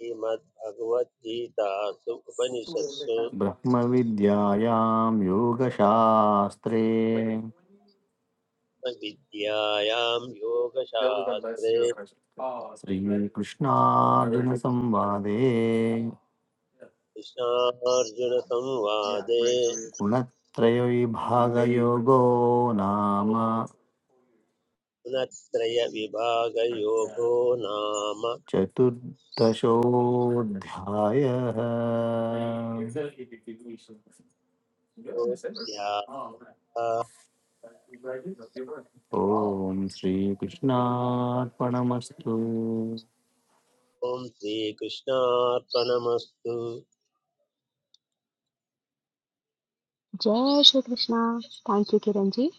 Speaker 4: श्रीमद्भगवद्गीतासु उपनिषत्सु
Speaker 9: ब्रह्मविद्यायां योगशास्त्रे
Speaker 4: विद्यायां योगशास्त्रे
Speaker 9: श्रीकृष्णार्जुनसंवादे
Speaker 4: कृष्णार्जुनसंवादे
Speaker 9: गुणत्रयविभागयोगो नाम
Speaker 4: गुणत्रयविभागयोगो नाम
Speaker 9: चतुर्दशोऽध्यायः
Speaker 4: योऽध्यायः।
Speaker 9: ॐ श्रीकृष्णार्पणमस्तु
Speaker 4: ॐ श्रीकृष्णार्पणमस्तु
Speaker 1: Jai Shri Krishna. Thank you, Kiranji.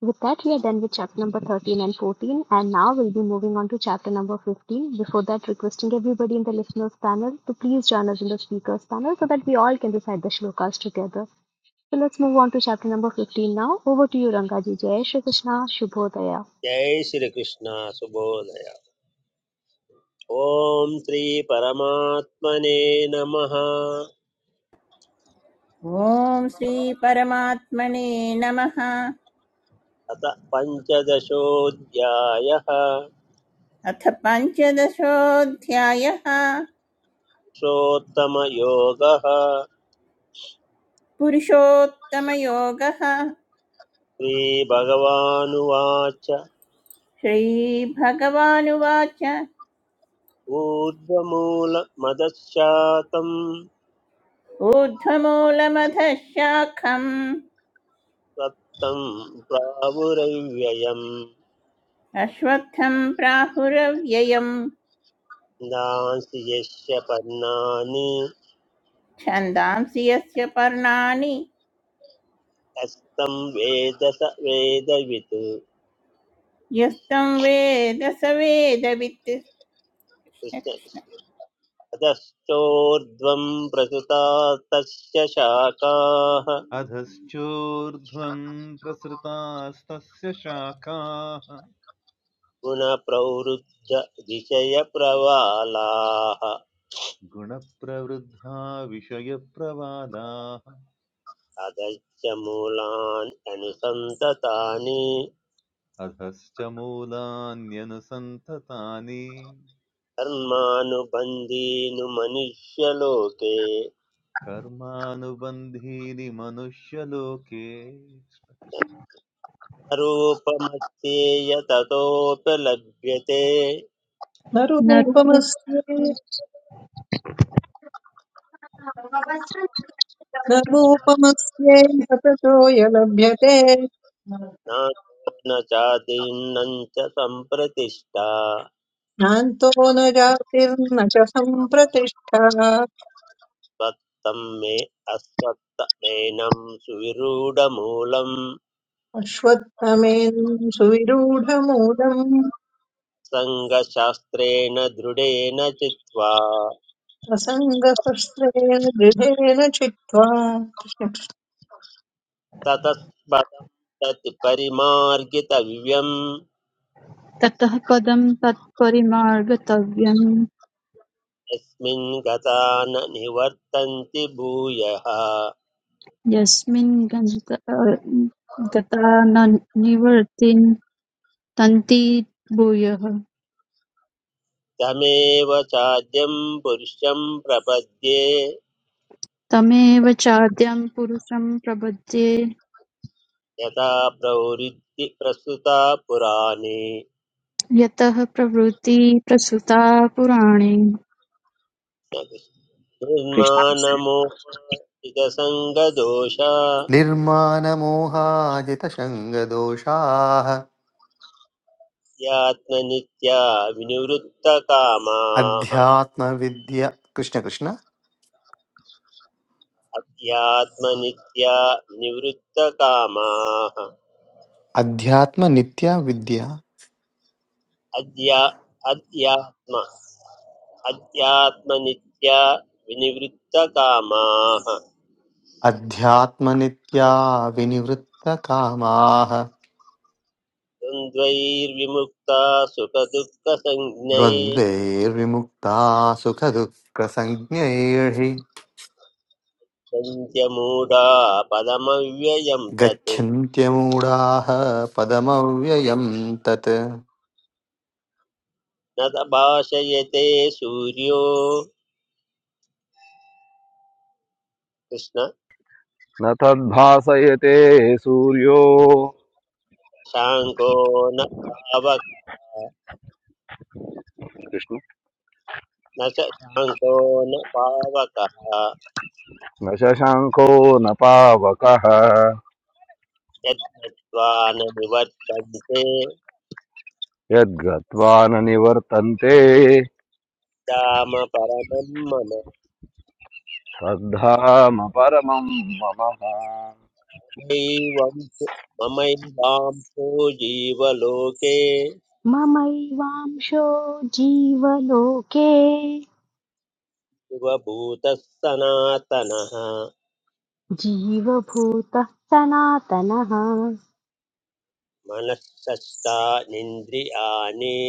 Speaker 1: With that, we are done with chapter number 13 and 14, and now we'll be moving on to chapter number 15. Before that, requesting everybody in the listeners panel to please join us in the speakers panel so that we all can recite the shlokas together. So let's move on to chapter number 15 now. Over to you, Rangaji. Jai Shri Krishna. Shubhodaya.
Speaker 4: जय श्रीकृष्ण सुबोधय ॐ श्रीपरमात्मने नमः
Speaker 5: ॐ श्रीपरमात्मने नमः
Speaker 4: अथ पञ्चदशोऽध्यायः
Speaker 5: अथ पञ्चदशोऽध्यायः
Speaker 4: पुरुषोत्तमयोगः
Speaker 5: पुरुषोत्तमयोगः
Speaker 4: श्रीभगवानुवाच
Speaker 5: श्रीभगवानुवाच
Speaker 4: ऊर्ध्वमूलमदशातम्
Speaker 5: ऊर्ध्वमूलमधः शाखम्
Speaker 4: त्वत्तं प्रावुरव्ययम्
Speaker 5: अश्वत्थं प्राहुरव्ययम्
Speaker 4: नासि यस्य पर्णानि
Speaker 5: छन्दांसि यस्य पर्णानि
Speaker 4: हस्तं वेद स वेदवित्
Speaker 5: यस्तं वेद स वेदवित् कृष्ण
Speaker 4: कृष्ण
Speaker 5: कृष्ण
Speaker 4: कृष्ण। अधश्चोर्ध्वं प्रसृता तस्य शाखाः
Speaker 6: अधश्चोर्ध्वम् प्रसृतास्तस्य शाखाः
Speaker 4: गुणप्रवृद्ध विषयप्रवालाः
Speaker 6: गुणप्रवृद्धा विषयप्रवादाः
Speaker 4: अधश्च मूलानि अनुसन्ततानि
Speaker 6: अधश्च मूलान्यनुसन्ततानि
Speaker 4: कर्मानुबन्धीनु मनुष्यलोके
Speaker 6: कर्मानुबन्धीनि मनुष्यलोके
Speaker 4: रूपमस्येय ततोऽपि लभ्यते
Speaker 7: कृष्ण
Speaker 8: न रूपं
Speaker 7: रूपमस्ति न रूपमस्येह ततोऽय लभ्यते
Speaker 4: ज्ञानेन चादिन्नं च सम्प्रतिष्ठा
Speaker 7: नान्तो न जातिर्न च सम्प्रतिष्ठा
Speaker 4: स्वत्तं मे अस्वत्तमेनं सुविरूढमूलं
Speaker 7: अश्वत्थमेन सुविरूढमूलम्
Speaker 4: सङ्गशास्त्रेण दृढेन चित्वा
Speaker 7: असङ्गशस्त्रेण दृढेन चित्वा
Speaker 4: ततः पदं तत् परिमार्गितव्यम्
Speaker 8: ततः पदं तत्परिमार्गतव्यं
Speaker 4: यस्मिन् गता न निवर्तन्ति भूयः
Speaker 8: यस्मिन् गन्त अ, गता न निवर्तिन् तन्ति भूयः
Speaker 4: तमेव चाद्यं पुरुषं प्रपद्ये
Speaker 8: तमेव चाद्यं पुरुषं प्रपद्ये
Speaker 4: यथा प्रवृत्ति प्रस्तुता पुराणे
Speaker 8: यतः प्रवृत्ति प्रसृता पुराणे कृष्ण
Speaker 4: निर्माणमोहितसङ्गदोषा
Speaker 9: निर्मानमोहाजितशङ्गदोषाः
Speaker 4: अध्यात्मनित्या विनिवृत्तकामाः
Speaker 9: अध्यात्मविद्या कृष्ण कृष्ण
Speaker 4: अध्यात्मनित्या विनिवृत्तकामाः
Speaker 9: अध्यात्मनित्या विद्या
Speaker 4: अध्या अध्यात्म अध्यात्मनित्या विनिवृत्तकामाः
Speaker 9: अध्यात्मनित्या विनिवृत्तकामाः
Speaker 4: द्वन्द्वैर्विमुक्ता सुखदुःखसञ्ज्ञै
Speaker 9: द्वन्द्वैर्विमुक्ता सुखदुःखसञ्ज्ञैः
Speaker 4: पञ्चमूढा पदमव्ययं तत्
Speaker 9: गच्छन्त्यमूढाः पदमव्ययम् तत्
Speaker 4: न त भाषयते सूर्यो कृष्ण
Speaker 10: न तद्भासयते सूर्यो
Speaker 4: शाङ्को न पावकः
Speaker 10: कृष्ण
Speaker 4: न च शाङ्को न पावकः
Speaker 10: न शशङ्को न पावकः
Speaker 4: यद्गत्वा न निवर्तन्ते
Speaker 10: यद्गत्वा न निवर्तन्ते
Speaker 4: राम परमं मम
Speaker 10: श्रद्धामपरमं मम
Speaker 4: नैवं ममैवांसो जीवलोके
Speaker 1: ममैवांशो जीवलोके
Speaker 4: शिवभूतः सनातनः
Speaker 1: जीवभूतः सनातनः
Speaker 4: मनःषष्ठानीन्द्रियाणि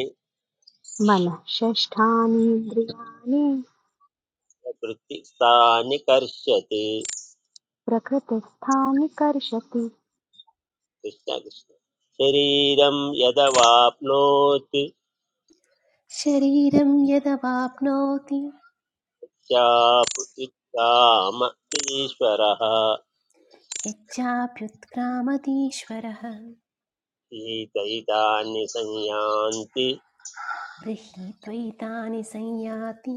Speaker 1: मनः षष्ठानीन्द्रियाणि
Speaker 4: प्रवृत्ति सा निकर्षति
Speaker 1: प्रकृतिस्थानिकर्षति
Speaker 4: कृष्ण कृष्ण शरीरं यदवाप्नोति
Speaker 2: शरीरं यदवाप्नोति
Speaker 4: चापुत्काम ईश्वरः
Speaker 2: यच्चाप्युत्क्रामतीश्वरः
Speaker 4: शीतैतानि संयान्ति
Speaker 2: गृहीत्वैतानि संयाति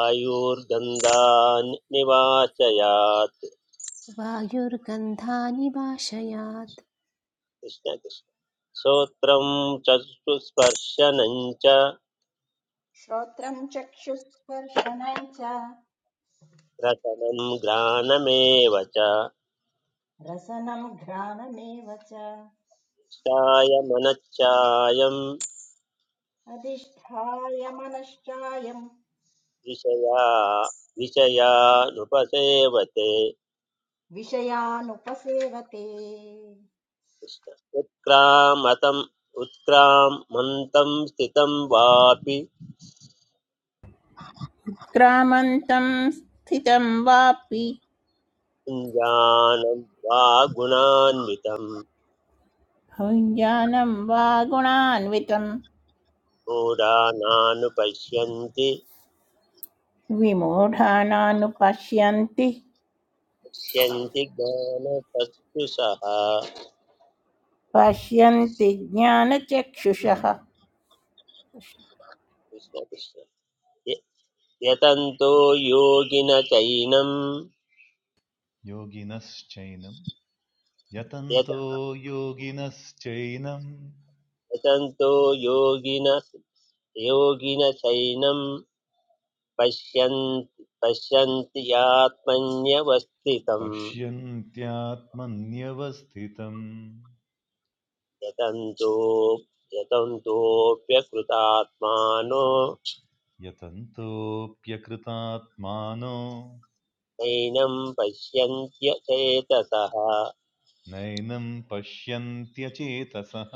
Speaker 4: आयुर्गन्धानि निवाचयात्
Speaker 2: वायुर्गन्धानि वाशयात्
Speaker 4: कृष्ण कृष्ण श्रोत्रं चक्षुस्पर्शनं च
Speaker 3: श्रोत्रं चक्षुस्पर्शनं च
Speaker 4: रसनं घ्राणमेव च
Speaker 3: रसनं घ्राणमेव च
Speaker 4: चायमनच्चायं
Speaker 3: अधिष्ठाय मनश्चायं
Speaker 4: विषया विषयानुपसेवते
Speaker 3: विषयानुपसेवते
Speaker 4: कृष्ण। उत्क्रामतम् उत्क्रामन्तं स्थितं वापि
Speaker 5: क्रामन्तं स्थितं वापि
Speaker 4: कुञ्जानं वा गुणान्वितं
Speaker 5: भुञ्जानं वा गुणान्वितं
Speaker 4: मूढानानुपश्यन्ति
Speaker 5: विमूढानानुपश्यन्ति
Speaker 4: पश्यन्ति ज्ञानचक्षुषः कृष्ण
Speaker 5: पश्यन्ति ज्ञानचक्षुषः
Speaker 4: कृष्ण य- यतन्तो योगिन चैनं
Speaker 6: योगिनश्चैनम्
Speaker 4: यत-
Speaker 6: यतन्तो योगिनश्चैनम्
Speaker 4: यतन्तो योगिन योगिन चैनं पश्यन् पश्यन्ति यात्मन्यवस्थितं
Speaker 6: पश्यन्त्यात्मन्यवस्थितम्
Speaker 4: यतन्तो यतन्तोऽप्यकृतात्मानो
Speaker 6: यतन्तोऽप्यकृतात्मानो
Speaker 4: नैनं पश्यन्त्य चेतसः
Speaker 6: नैनं पश्यन्त्यचेतसः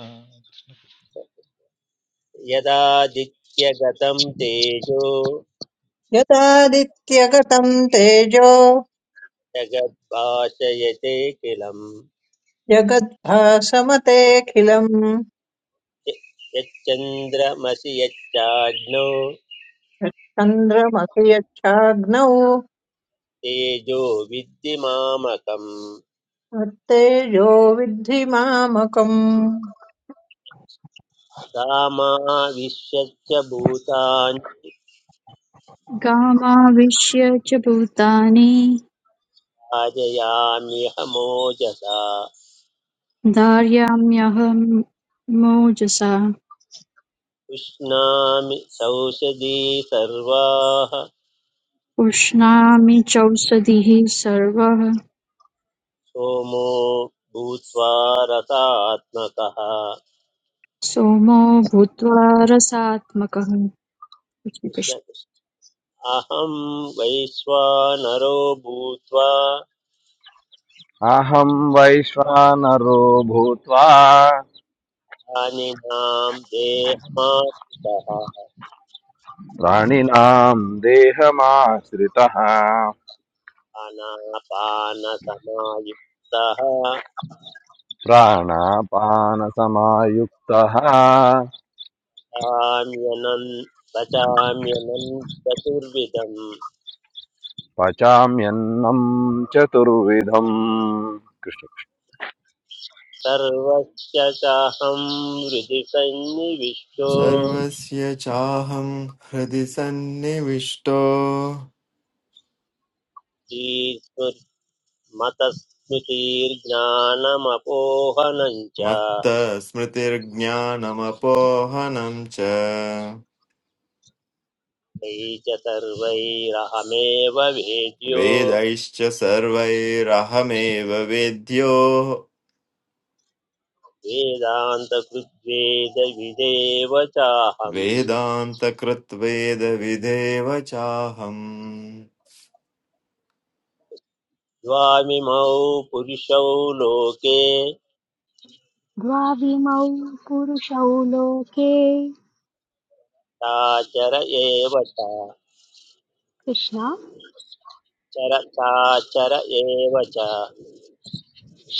Speaker 4: यदादित्यगतं तेजो
Speaker 7: यदादित्यगतम् तेजो
Speaker 4: जगद्भाषयते किलम्
Speaker 7: जगद्भासमतेऽखिलम्
Speaker 4: य- यच्चन्द्रमसि यच्चाग्नो
Speaker 7: यच्चन्द्रमसि यच्छाग्नौ
Speaker 4: तेजो विद्धिमामकम्
Speaker 7: मत्तेजो विद्धि मामकम्
Speaker 4: रामा विश्वच्च भूतानि
Speaker 8: गामाविश्य च भूतानि
Speaker 4: भाजयाम्यह मोजसा
Speaker 8: धारयाम्यहं मोजसा
Speaker 4: उष्णामि सौषधी सर्वाः
Speaker 8: पुष्णामि चौषधीः सर्वः
Speaker 4: सोमो भूत्वा रसात्मकः
Speaker 8: सोमो भूत्वा रसात्मकः कृष्ण
Speaker 4: कृष्ण
Speaker 8: कृष्ण।
Speaker 4: कृष्ण। अहं वैश्वानरो भूत्वा
Speaker 10: अहं वैश्वानरो भूत्वा
Speaker 4: प्राणिनां देहमात्मकः
Speaker 10: प्राणिनां देहमाश्रितः
Speaker 4: अनापानसमायुक्तः
Speaker 10: प्राणापानसमायुक्तः
Speaker 4: पचाम्यनन् पचाम्यनन् चतुर्विधम्
Speaker 10: पचाम्यन्नं चतुर्विधम् कृष्ण
Speaker 4: सर्वस्य चाहं हृदि सन्निविष्टो
Speaker 11: सर्वस्य चाहं हृदि सन्निविष्टो
Speaker 4: मतस्मृतिर्ज्ञानमपोहनं च
Speaker 11: मत्तः स्मृतिर्ज्ञानमपोहनं च
Speaker 4: तैः च सर्वैरहमेव वेद्यो
Speaker 11: वेदैश्च सर्वैरहमेव वेद्यो
Speaker 4: वेदान्तकृद्वेदविदेव चाहं
Speaker 11: वेदान्तकृत्वेदविधेव चाहम्
Speaker 4: द्वामिमौ पुरुषौ लोके
Speaker 1: द्वाविमौ पुरुषौ लोके
Speaker 4: चाचर एव च
Speaker 1: कृष्ण
Speaker 4: चर चाचर एव च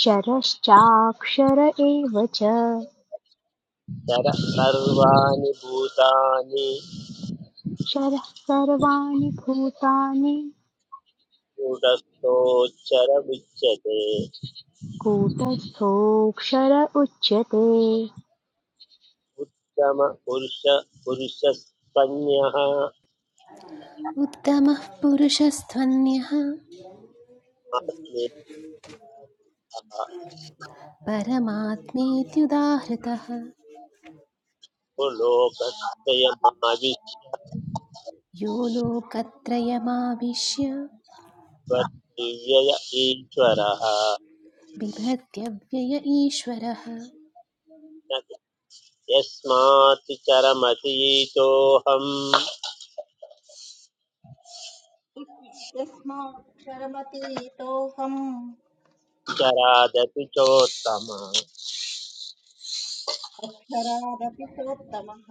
Speaker 1: शरश्चाक्षर एव च
Speaker 4: चर सर्वाणि भूतानि
Speaker 1: शरः सर्वाणि भूतानि
Speaker 4: कूटस्थोच्चरमुच्यते
Speaker 1: कूटस्थोऽक्षर उच्यते
Speaker 4: उत्तम पुरुष पुरुषस्तन्यः
Speaker 2: उत्तमः पुरुषस्त्वन्यः
Speaker 4: आत्मेयः
Speaker 2: परमात्मेत्युदाहृतः
Speaker 4: को लोकत्रयमाविश्य
Speaker 2: यो लोकत्रयमाविश्य
Speaker 4: त्वद्दिव्यय ईश्वरः
Speaker 2: बिभत्यव्यय ईश्वरः
Speaker 4: न यस्मात् चरमतीतोऽहम्
Speaker 3: यस्माक्षरमतीतोऽहम्
Speaker 4: चरादपि चोत्तम
Speaker 3: अक्षरादपि चोत्तमः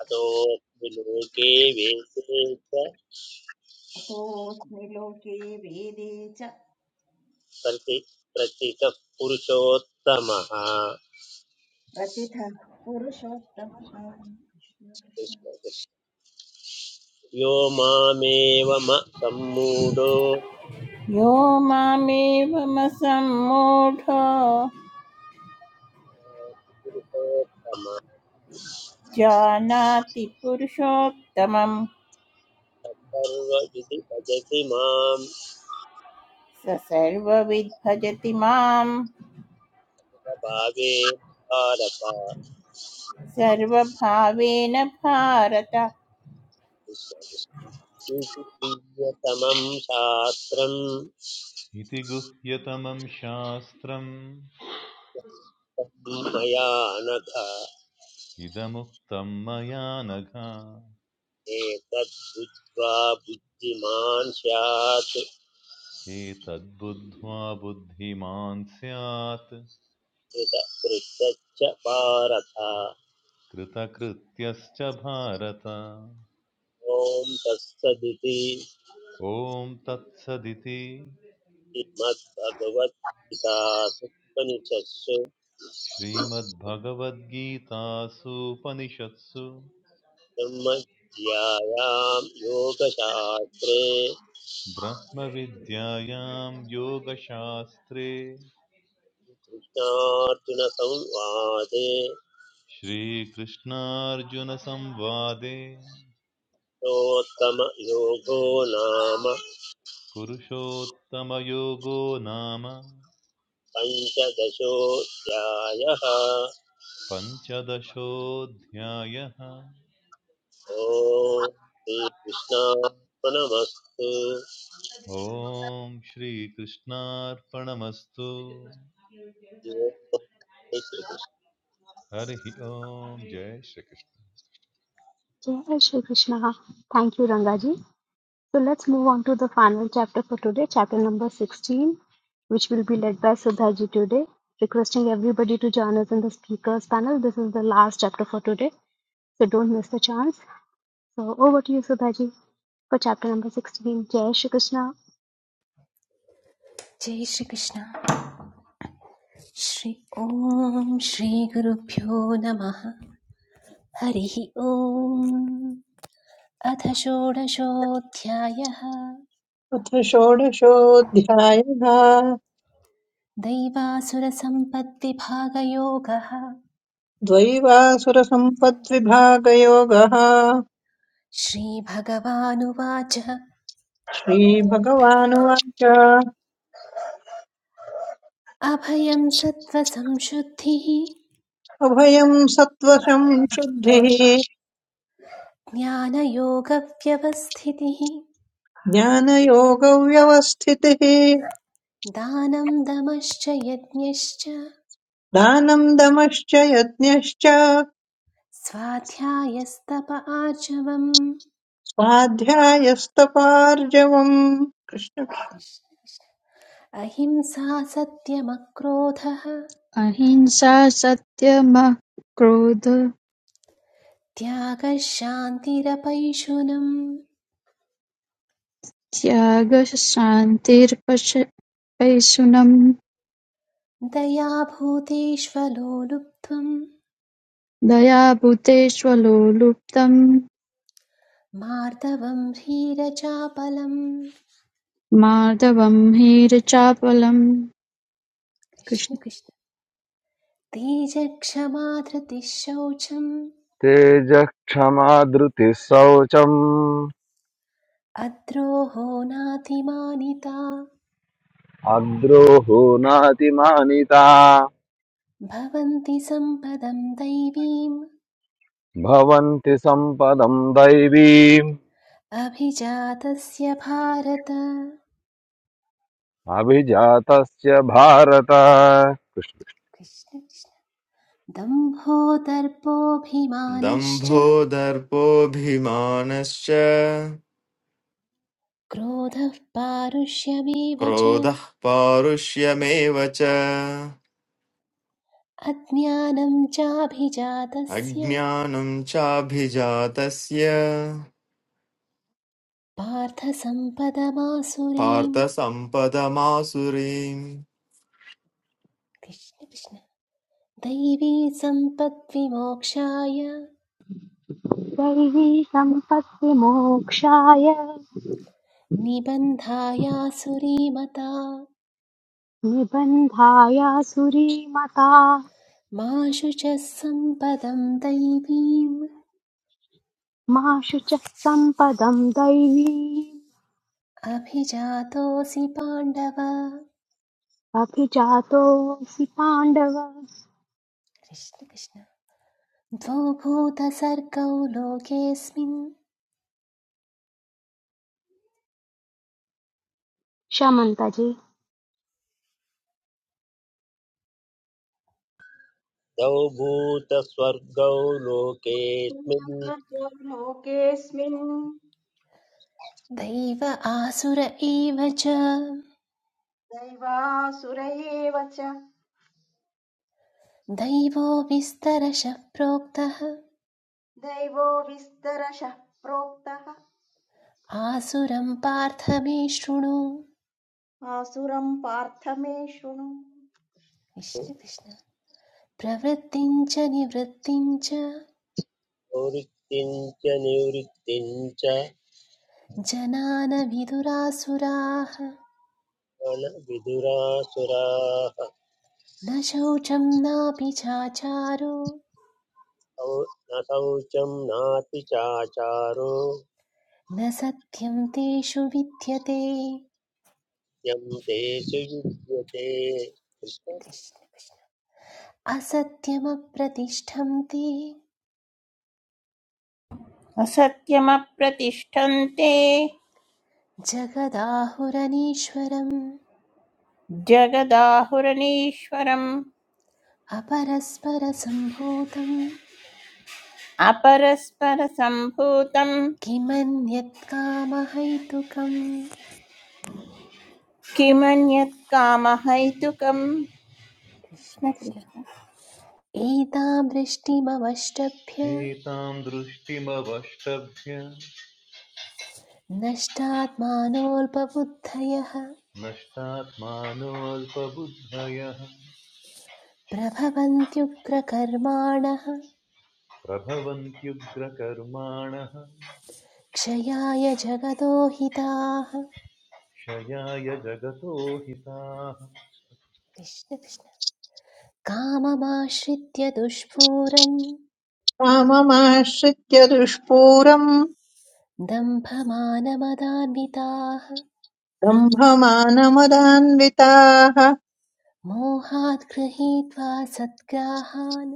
Speaker 4: अतोऽस्मि लोके वेदे च
Speaker 3: अतोऽस्मि लोके वेदे च
Speaker 4: प्रति प्रतितः पुरुषोत्तमः
Speaker 3: प्रतिथः पुरुषोत्तमः कृष्ण कृष्ण
Speaker 4: यो मामेव म सम्मूढो
Speaker 5: यो मामेवम सम्मूढो
Speaker 4: पुरुषोत्तम
Speaker 5: जानाति पुरुषोत्तमं
Speaker 4: सर्वविधि भजति मां
Speaker 5: स सर्वविद्भजति मां
Speaker 4: भागे भारत
Speaker 5: सर्वभावेन भारत
Speaker 4: प्रियतमं शास्त्रं
Speaker 6: इति गुह्यतमं शास्त्रम्
Speaker 4: तं मया नघ
Speaker 6: इदमुक्तं मया नघ
Speaker 4: एतद्बुद्ध्वा बुद्धिमान् स्यात्
Speaker 6: एतद्बुद्ध्वा बुद्धिमान् स्यात्
Speaker 4: कृत भारत
Speaker 6: कृतकृत्यश्च भारत
Speaker 4: ॐ तत्सदिति
Speaker 6: ॐ तत्सदिति
Speaker 4: श्रीमद्भगवद्गीतासु उपनिषत्सु
Speaker 6: श्रीमद्भगवद्गीतासूपनिषत्सु
Speaker 4: ब्रह्मज्ञायां योगशास्त्रे
Speaker 6: ब्रह्मविद्यायां योगशास्त्रे
Speaker 4: कृष्णार्जुनसंवादे
Speaker 6: श्रीकृष्णार्जुनसंवादे
Speaker 4: योगो नाम
Speaker 6: पुरुषोत्तमयोगो नाम
Speaker 4: पञ्चदशोऽध्यायः ॐ
Speaker 6: पञ्चदशोऽध्यायः
Speaker 4: श्रीकृष्णार्पणमस्तु
Speaker 6: ॐ श्रीकृष्णार्पणमस्तु
Speaker 4: श्रीकृष्णौ
Speaker 6: हरिः ओम् जय श्रीकृष्ण
Speaker 1: जय Shri Krishna thank you Rangaji so let's move on to the final chapter for today chapter number 16 which will be led by Sudha ji today. Requesting everybody to join us in the speakers panel. This is the last chapter for today. so don't miss the chance. So over to you, Subhaji, for chapter number 16. Jai Shri Krishna.
Speaker 2: जय श्रीकृष्ण श्री ॐ श्रीगुरुभ्यो नमः हरिः ॐ अथ षोडशोऽध्यायः
Speaker 7: अथ षोडशोऽध्यायः
Speaker 2: दैवासुरसम्पत्तिभागयोगः
Speaker 7: द्वैवासुरसम्पद्विभागयोगः
Speaker 2: श्रीभगवानुवाच
Speaker 7: श्रीभगवानुवाच
Speaker 2: अभयं सत्त्वसंशुद्धिः
Speaker 7: अभयम् सत्त्वशम् शुद्धिः
Speaker 2: ज्ञानयोगव्यवस्थितिः
Speaker 7: ज्ञानयोगव्यवस्थितिः
Speaker 2: दानं दमश्च यज्ञश्च
Speaker 7: दानम् दमश्च यज्ञश्च
Speaker 2: स्वाध्यायस्तप आचमम्
Speaker 7: स्वाध्यायस्तपार्जवम्
Speaker 2: अहिंसा सत्यमक्रोधः
Speaker 8: अहिंसा सत्यमः क्रोध
Speaker 2: त्यागः शान्तिरपैशुनम्
Speaker 8: त्यागः शान्तिर्पशैशुनम्
Speaker 2: दयाभूतेष्वलो लुब्ध्वम्
Speaker 8: दया भूतेष्वलो लुप्तम्
Speaker 2: मार्दवम् ह्रीरचापलम्
Speaker 8: माधवम् हीरचापलम्
Speaker 2: कृष्ण
Speaker 8: कृष्ण
Speaker 2: कृष्ण तेजक्षमा धृतिः शौचम्
Speaker 10: तेजः क्षमा धृतिः शौचम्
Speaker 2: अद्रोहो नातिमानिता
Speaker 10: अद्रोहो नातिमानिता
Speaker 2: भवन्ति सम्पदं दैवीम्
Speaker 10: भवन्ति सम्पदं दैवीम्
Speaker 2: अभिजातस्य भारत
Speaker 10: अभिजातस्य भारत कृष्ण
Speaker 2: कृष्ण कृष्ण दम्भो दर्पोऽभिमानश्च
Speaker 11: दम्भो दर्पोऽभिमानश्च
Speaker 2: क्रोधः पारुष्यमेव च
Speaker 11: क्रोधः पारुष्यमेव च
Speaker 2: अज्ञानं चाभिजातस्य
Speaker 11: अज्ञानं चाभिजातस्य
Speaker 2: पार्थसम्पदमासुरीं
Speaker 11: पार्थसम्पदमासुरीम्
Speaker 2: कृष्ण कृष्ण दैवी सम्पद्विमोक्षाय
Speaker 1: दैवी सम्पत्ति मोक्षाय
Speaker 2: निबन्धायासुरीमता
Speaker 1: निबन्धाय सुरीमता
Speaker 2: मा शुचः सम्पदं दैवीम्
Speaker 1: मा शुचः सम्पदं दैवी
Speaker 2: अभिजातोऽसि पाण्डव
Speaker 1: अभिजातोऽसि पाण्डव
Speaker 2: कृष्ण कृष्ण द्वौ भूतसर्गौ लोकेऽस्मिन्
Speaker 1: शमन्तजे
Speaker 4: भूतस्वर्गौ लोकेऽस्मिन्
Speaker 3: सर्वतो लोकेऽस्मिन्
Speaker 2: दैव आसुर एव च
Speaker 3: दैवासुर एव च
Speaker 2: दैवो विस्तरशः प्रोक्तः
Speaker 3: दैवो विस्तरशः प्रोक्तः
Speaker 2: आसुरं पार्थ मे शृणु
Speaker 3: आसुरम् पार्थ मे शृणु
Speaker 2: कृष्ण कृष्ण प्रवृत्तिं च
Speaker 4: प्रवृत्तिम् च निवृत्तिम् च
Speaker 2: जनान विदुरासुराः
Speaker 4: विदुरासुराः
Speaker 2: न शौचं नापि चाचारो
Speaker 4: शौ- न शौचं नापि चाचारो
Speaker 2: न सत्यं तेषु विद्यते
Speaker 4: यं तेषु युज्यते कृष्ण
Speaker 2: असत्यमप्रतिष्ठं ते
Speaker 5: असत्यमप्रतिष्ठन्ते
Speaker 2: जगदाहुरनीश्वरम्
Speaker 5: जगदाहुरणीश्वरम्
Speaker 2: अपरस्परसम्भूतं
Speaker 5: अपरस्परसम्भूतम्
Speaker 2: किमन्यत्
Speaker 5: किमन्यत् कामहैतुकम्
Speaker 2: कृष्ण कृष्ण
Speaker 5: कृष्णकृष्ण
Speaker 2: एतां वृष्टिमवष्टभ्य
Speaker 6: एतां दृष्टिमवष्टभ्य
Speaker 2: नष्टात्मानोऽल्पबुद्धयः
Speaker 6: नष्टात्मानोऽल्पबुद्धयः
Speaker 2: प्रभवन्त्युग्रकर्माणः
Speaker 6: प्रभवन्त्युग्रकर्माणः
Speaker 2: क्षयाय जगतो हिताः
Speaker 6: क्षयाय जगतो हिताः
Speaker 2: कृष्ण कृष्ण काममाश्रित्य दुष्पूरं
Speaker 7: कृष्णक्षाममाश्रित्य दुष्पूरम्
Speaker 2: दम्भमानमदान्विताः
Speaker 7: ब्रह्ममानमदान्विताः
Speaker 2: मोहात् गृहीत्वा सद्ग्राहान्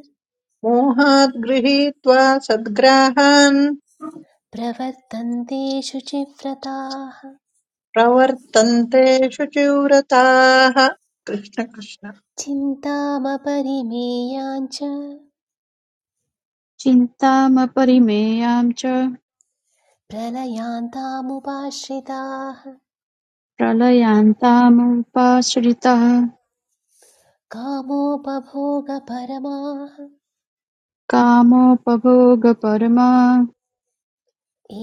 Speaker 7: मोहात् गृहीत्वा सद्ग्राहान्
Speaker 2: प्रवर्तन्ते शुचिव्रताः
Speaker 7: प्रवर्तन्ते शुचिव्रताः कृष्ण कृष्ण
Speaker 2: चिन्तामपरिमेयाञ्च
Speaker 8: चिन्तामपरिमेयां च
Speaker 2: प्रलयान्तामुपाश्रिताः
Speaker 8: प्रलयान्तामुपाश्रिताः
Speaker 2: कामोपभोगपरमाः
Speaker 8: कामोपभोगपरमा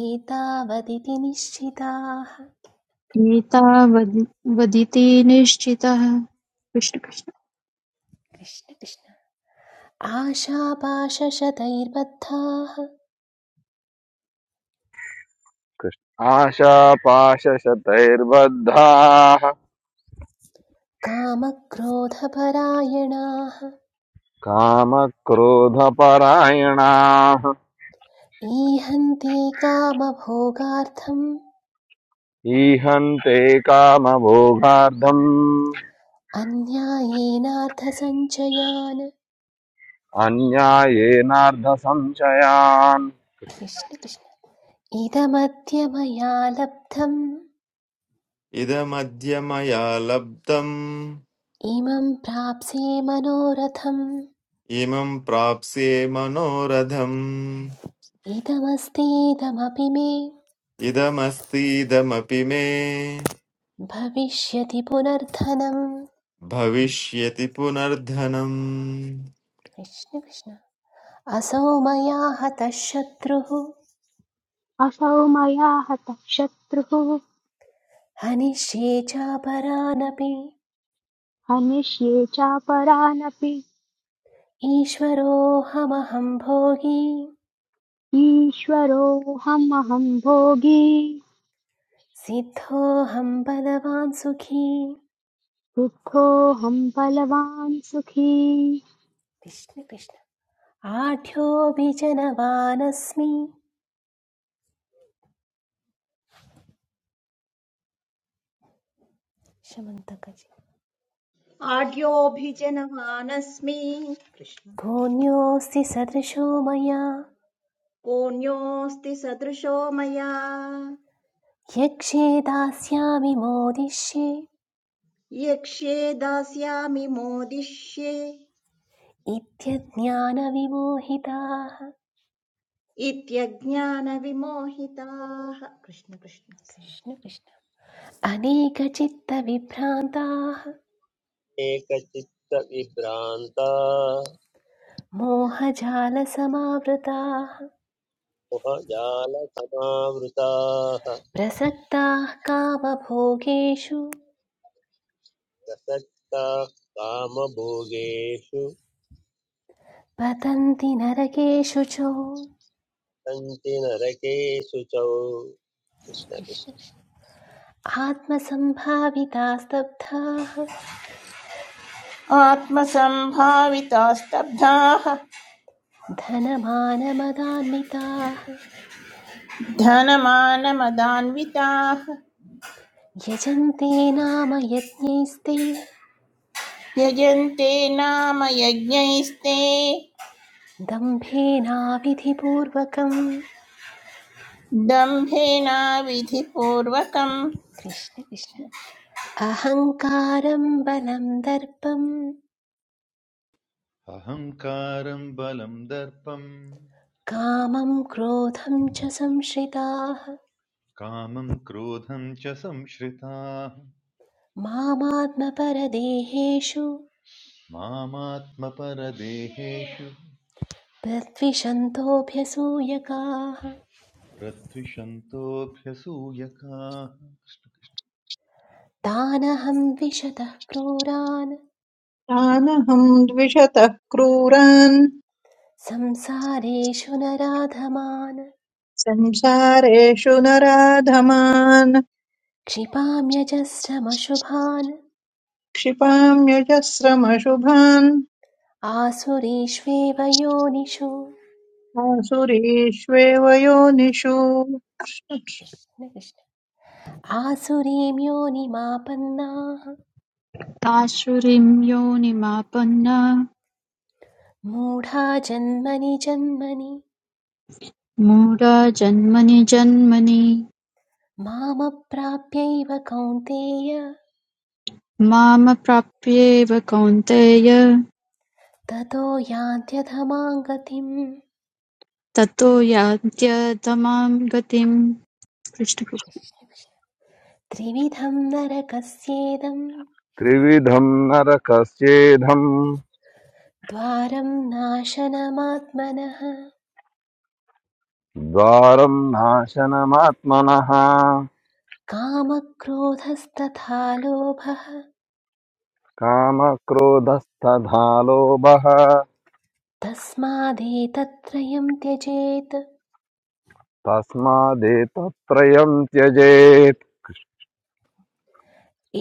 Speaker 2: एतावदिति निश्चिताः
Speaker 8: एतावदिति निश्चितः कृष्ण कृष्ण।
Speaker 2: कृष्ण कृष्ण आशापाशशतैर्बद्धाः
Speaker 10: कृष्ण आशापाशशतैर्बद्धाः
Speaker 2: कामक्रोधपरायणाः
Speaker 10: कामक्रोधपरायणाः
Speaker 2: ईहन्ति कामभोगार्थम्
Speaker 10: ईहन्ते कामभोगार्थम्
Speaker 2: अन्यायेनार्थसञ्चयान्
Speaker 10: अन्यायेनार्धसंशयान्
Speaker 2: कृष्ण कृष्ण इदमद्य मया लब्धम्
Speaker 11: इदमद्य मया लब्धम्
Speaker 2: इमं प्राप्स्ये मनोरथम्
Speaker 11: इमं प्राप्स्ये मनोरथम्
Speaker 2: इदमस्तीदमपि मे
Speaker 11: इदमस्तीदमपि मे
Speaker 2: भविष्यति पुनर्धनम्
Speaker 11: भविष्यति पुनर्धनम्
Speaker 2: कृष्ण कृष्ण असौ मया हतः शत्रुः
Speaker 1: असौ मया हतः शत्रुः
Speaker 2: हनिष्ये चापरानपि
Speaker 1: हनिष्ये चापरानपि
Speaker 2: ईश्वरोऽहमहं भोगी
Speaker 1: ईश्वरोऽहमहं भोगी
Speaker 2: सिद्धोऽहं बलवान् सुखी
Speaker 1: सिद्धोऽहम् बलवान् सुखी
Speaker 2: कृष्ण कृष्ण आढ्योऽपि जनवानस्मि शमन्तकजी
Speaker 3: आढ्योऽभिजनवानस्मि कृष्ण
Speaker 2: भून्योऽस्ति सदृशो मया
Speaker 3: कोऽन्योऽस्ति सदृशो मया
Speaker 2: यक्षे दास्यामि मोदिष्ये
Speaker 3: यक्ष्ये दास्यामि मोदिष्ये
Speaker 2: इत्यज्ञानविमोहिताः
Speaker 3: इत्यज्ञानविमोहिताः कृष्ण कृष्ण सोरि
Speaker 2: कृष्ण कृष्ण अनेकचित्तविभ्रान्ताः
Speaker 4: एकचित्तविभ्रान्ता
Speaker 2: मोहजालसमावृताः
Speaker 4: मुहजालसमावृताः
Speaker 2: प्रसक्ताः कामभोगेषु
Speaker 4: प्रसक्ता कामभोगेषु
Speaker 2: पतन्ति नरकेषु च
Speaker 4: सन्ति नरकेषु च
Speaker 2: कृष्ण
Speaker 4: कृष्णकृष्ण
Speaker 2: कृष्ण। आत्मसम्भाविताः स्तब्धाः
Speaker 5: आत्मसम्भावितास्तब्धाः
Speaker 2: धनमानमदान्विताः
Speaker 5: धनमानमदान्विताः
Speaker 2: यजन्ते नाम यज्ञैस्ते
Speaker 5: यजन्ते नाम यज्ञैस्ते
Speaker 2: दम्भेनाविधिपूर्वकम्
Speaker 5: दम्भेनाविधिपूर्वकम्
Speaker 2: कृष्ण कृष्ण अहङ्कारं बलं दर्पं
Speaker 6: अहङ्कारम् बलम् दर्पम्
Speaker 2: कामं क्रोधं च संश्रिताः
Speaker 6: कामम् क्रोधम् च संश्रिताः
Speaker 2: मामात्मपरदेहेषु
Speaker 6: मामात्मपरदेहेषु
Speaker 2: प्रद्विषन्तोऽभ्यसूयकाः
Speaker 6: प्रद्विषन्तोऽभ्यसूयकाः
Speaker 2: तानहं द्विषतः क्रूरान्
Speaker 7: तानहं द्विषतः क्रूरान्
Speaker 2: संसारेषु नराधमान्
Speaker 7: संसारेषु नराधमान्
Speaker 2: क्षिपाम्यजस्रमशुभान्
Speaker 7: क्षिपाम्यजस्रमशुभान्
Speaker 2: आसुरीष्वेव योनिषु
Speaker 7: आसुरीष्वेव योनिषु
Speaker 2: आसुरीं योनिमापन्नाः
Speaker 8: आसुरीं योनिमापन्ना
Speaker 2: मूढा जन्मनि जन्मनि
Speaker 8: मूढा जन्मनि जन्मनि
Speaker 2: मामप्राप्यैव कौन्तेय
Speaker 8: मामप्राप्येव कौन्तेय
Speaker 2: ततो यान्त्यधमां गतिम्
Speaker 8: ततो यान्त्यधमां गतिम् कृष्ण कृष्ण
Speaker 2: त्रिविधं नरकस्येदं
Speaker 10: त्रिविधं नरकस्येधम्
Speaker 2: द्वारं नाशनमात्मनः
Speaker 10: द्वारं नाशनमात्मनः
Speaker 2: कामक्रोधस्तथा लोभः
Speaker 10: कामक्रोदस्ता धालो बहा
Speaker 2: तस्मादेतत्त्रयं त्यजेत्
Speaker 10: तस्मा देत त्रयं च्यजेत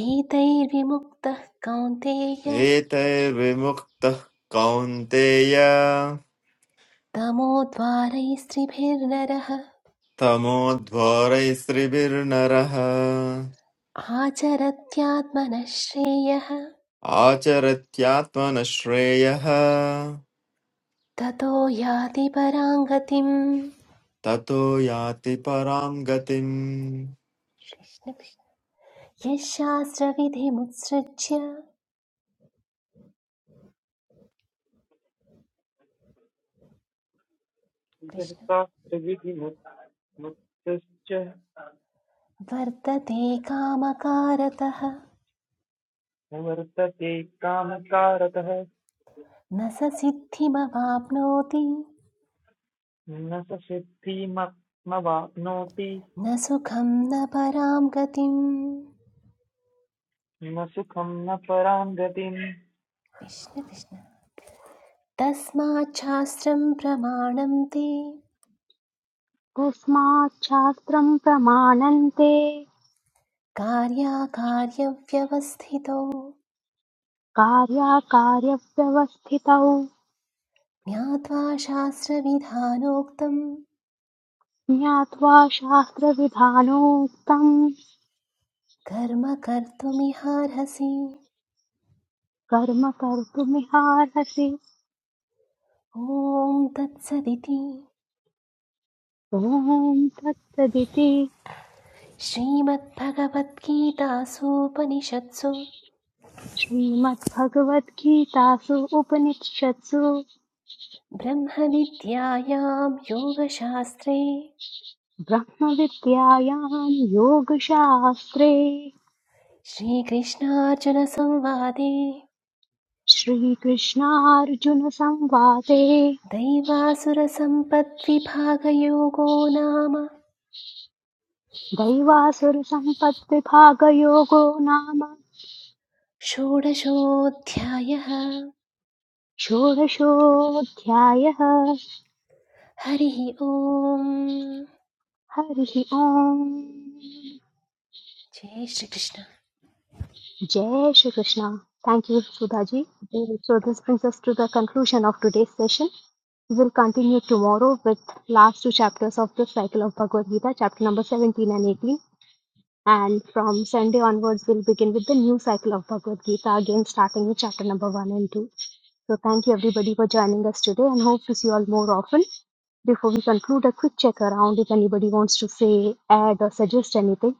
Speaker 2: एतैर्विमुक्तः कौन्तेय
Speaker 11: एतैर्विमुक्तः कौन्तेय
Speaker 2: तमोद्वारैस्त्रिभिर्नरः
Speaker 11: तमोध्वारैस्त्रिभिर्नरः
Speaker 2: आचरत्यात्मनः श्रेयः
Speaker 11: आचरत्यात्मनः श्रेयः
Speaker 2: ततो याति परां गतिम्
Speaker 11: ततो याति परां गतिम्
Speaker 2: कृष्ण कृष्ण। यशास्त्रविधिमुत्सृज्य कृष्ण
Speaker 12: विजयशास्त्रविधिमुक्तश्च
Speaker 2: वर्तते कामकारतः
Speaker 12: वर्तते कामकारतः
Speaker 2: न स सिद्धिमवाप्नोति
Speaker 12: न स सिद्धिमप्नवाप्नोति
Speaker 2: न सुखं न परां गतिम्
Speaker 12: न सुखं न परां गतिम्
Speaker 2: कृष्ण कृष्ण तस्माच्छास्त्रं प्रमाणं ते
Speaker 1: तस्मात् शास्त्रम् प्रमाणन्ते
Speaker 2: कार्याकार्यव्यवस्थितौ
Speaker 1: कार्याकार्यव्यवस्थितौ
Speaker 2: ज्ञात्वा शास्त्रविधानोक्तं
Speaker 1: ज्ञात्वा शास्त्रविधानोक्तम्
Speaker 2: कर्म कर्तुमिहार्हसि
Speaker 1: कर्म कर्तुमिहार्हसि
Speaker 2: ॐ तत्सदिति
Speaker 1: ॐ तत्सदिति
Speaker 2: श्रीमद्भगवद्गीतासूपनिषत्सु
Speaker 1: श्रीमद्भगवद्गीतासु उपनिषत्सु
Speaker 2: ब्रह्मविद्यायां योगशास्त्रे
Speaker 1: ब्रह्मविद्यायां योगशास्त्रे
Speaker 2: श्रीकृष्णार्जुनसंवादे
Speaker 1: श्रीकृष्णार्जुनसंवादे
Speaker 2: दैवासुरसम्पद्विभागयोगो नाम
Speaker 1: दैवासुरसम्पद्विभागयोगो नाम
Speaker 2: षोडशोऽध्यायः
Speaker 1: षोडशोऽध्यायः
Speaker 2: हरिः ओम्
Speaker 1: हरिः ओम्
Speaker 2: जय श्रीकृष्ण
Speaker 1: जय Shri Krishna thank you Sudha ji so this brings us to the conclusion of today's session we will continue tomorrow with last two chapters of the cycle of bhagavad gita chapter number 17 and 18 and from sunday onwards we'll begin with the new cycle of bhagavad gita again starting with chapter number 1 and 2 so thank you everybody for joining us today and hope to see you all more often Before we conclude, a quick check around if anybody wants to say, add, or suggest anything.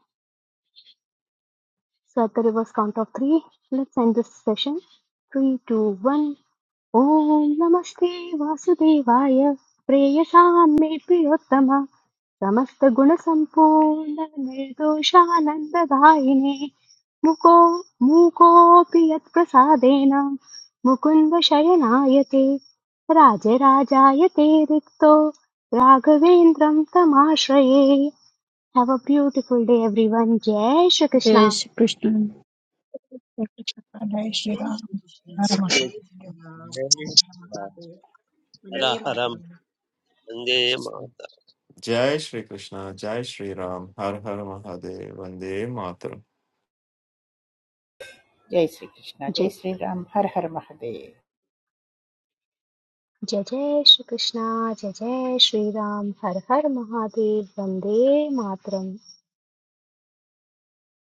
Speaker 1: So, at the reverse count of three, let's end this session. Three, two, one. ॐ नमस्ते वासुदेवाय प्रेयसां मे प्रियोत्तम समस्तगुणसम्पूर्ण निर्दोषानन्ददायिने मुको मूकोऽपि यत्प्रसादेन मुकुन्द शयनाय ते राजराजाय ते रिक्तो राघवेन्द्रं तमाश्रये have a beautiful day everyone जय श्रीकृष्ण
Speaker 8: जय श्री कृष्ण
Speaker 3: जय
Speaker 7: श्रीराम
Speaker 3: श्रीकृष्ण जय
Speaker 7: हर
Speaker 3: श्रीराम हर हर महादेव
Speaker 4: हर
Speaker 3: वन्दे
Speaker 4: हरं
Speaker 3: मातरम्
Speaker 4: वन्दे मा
Speaker 11: जय श्री कृष्ण जय श्री राम हर हर महादेव वंदे मातरम
Speaker 5: जय श्रीकृष्ण जय श्रीराम हर हर महादेव
Speaker 1: जय जय श्री कृष्णा जय जय श्री राम हर हर महादेव वंदे मातरम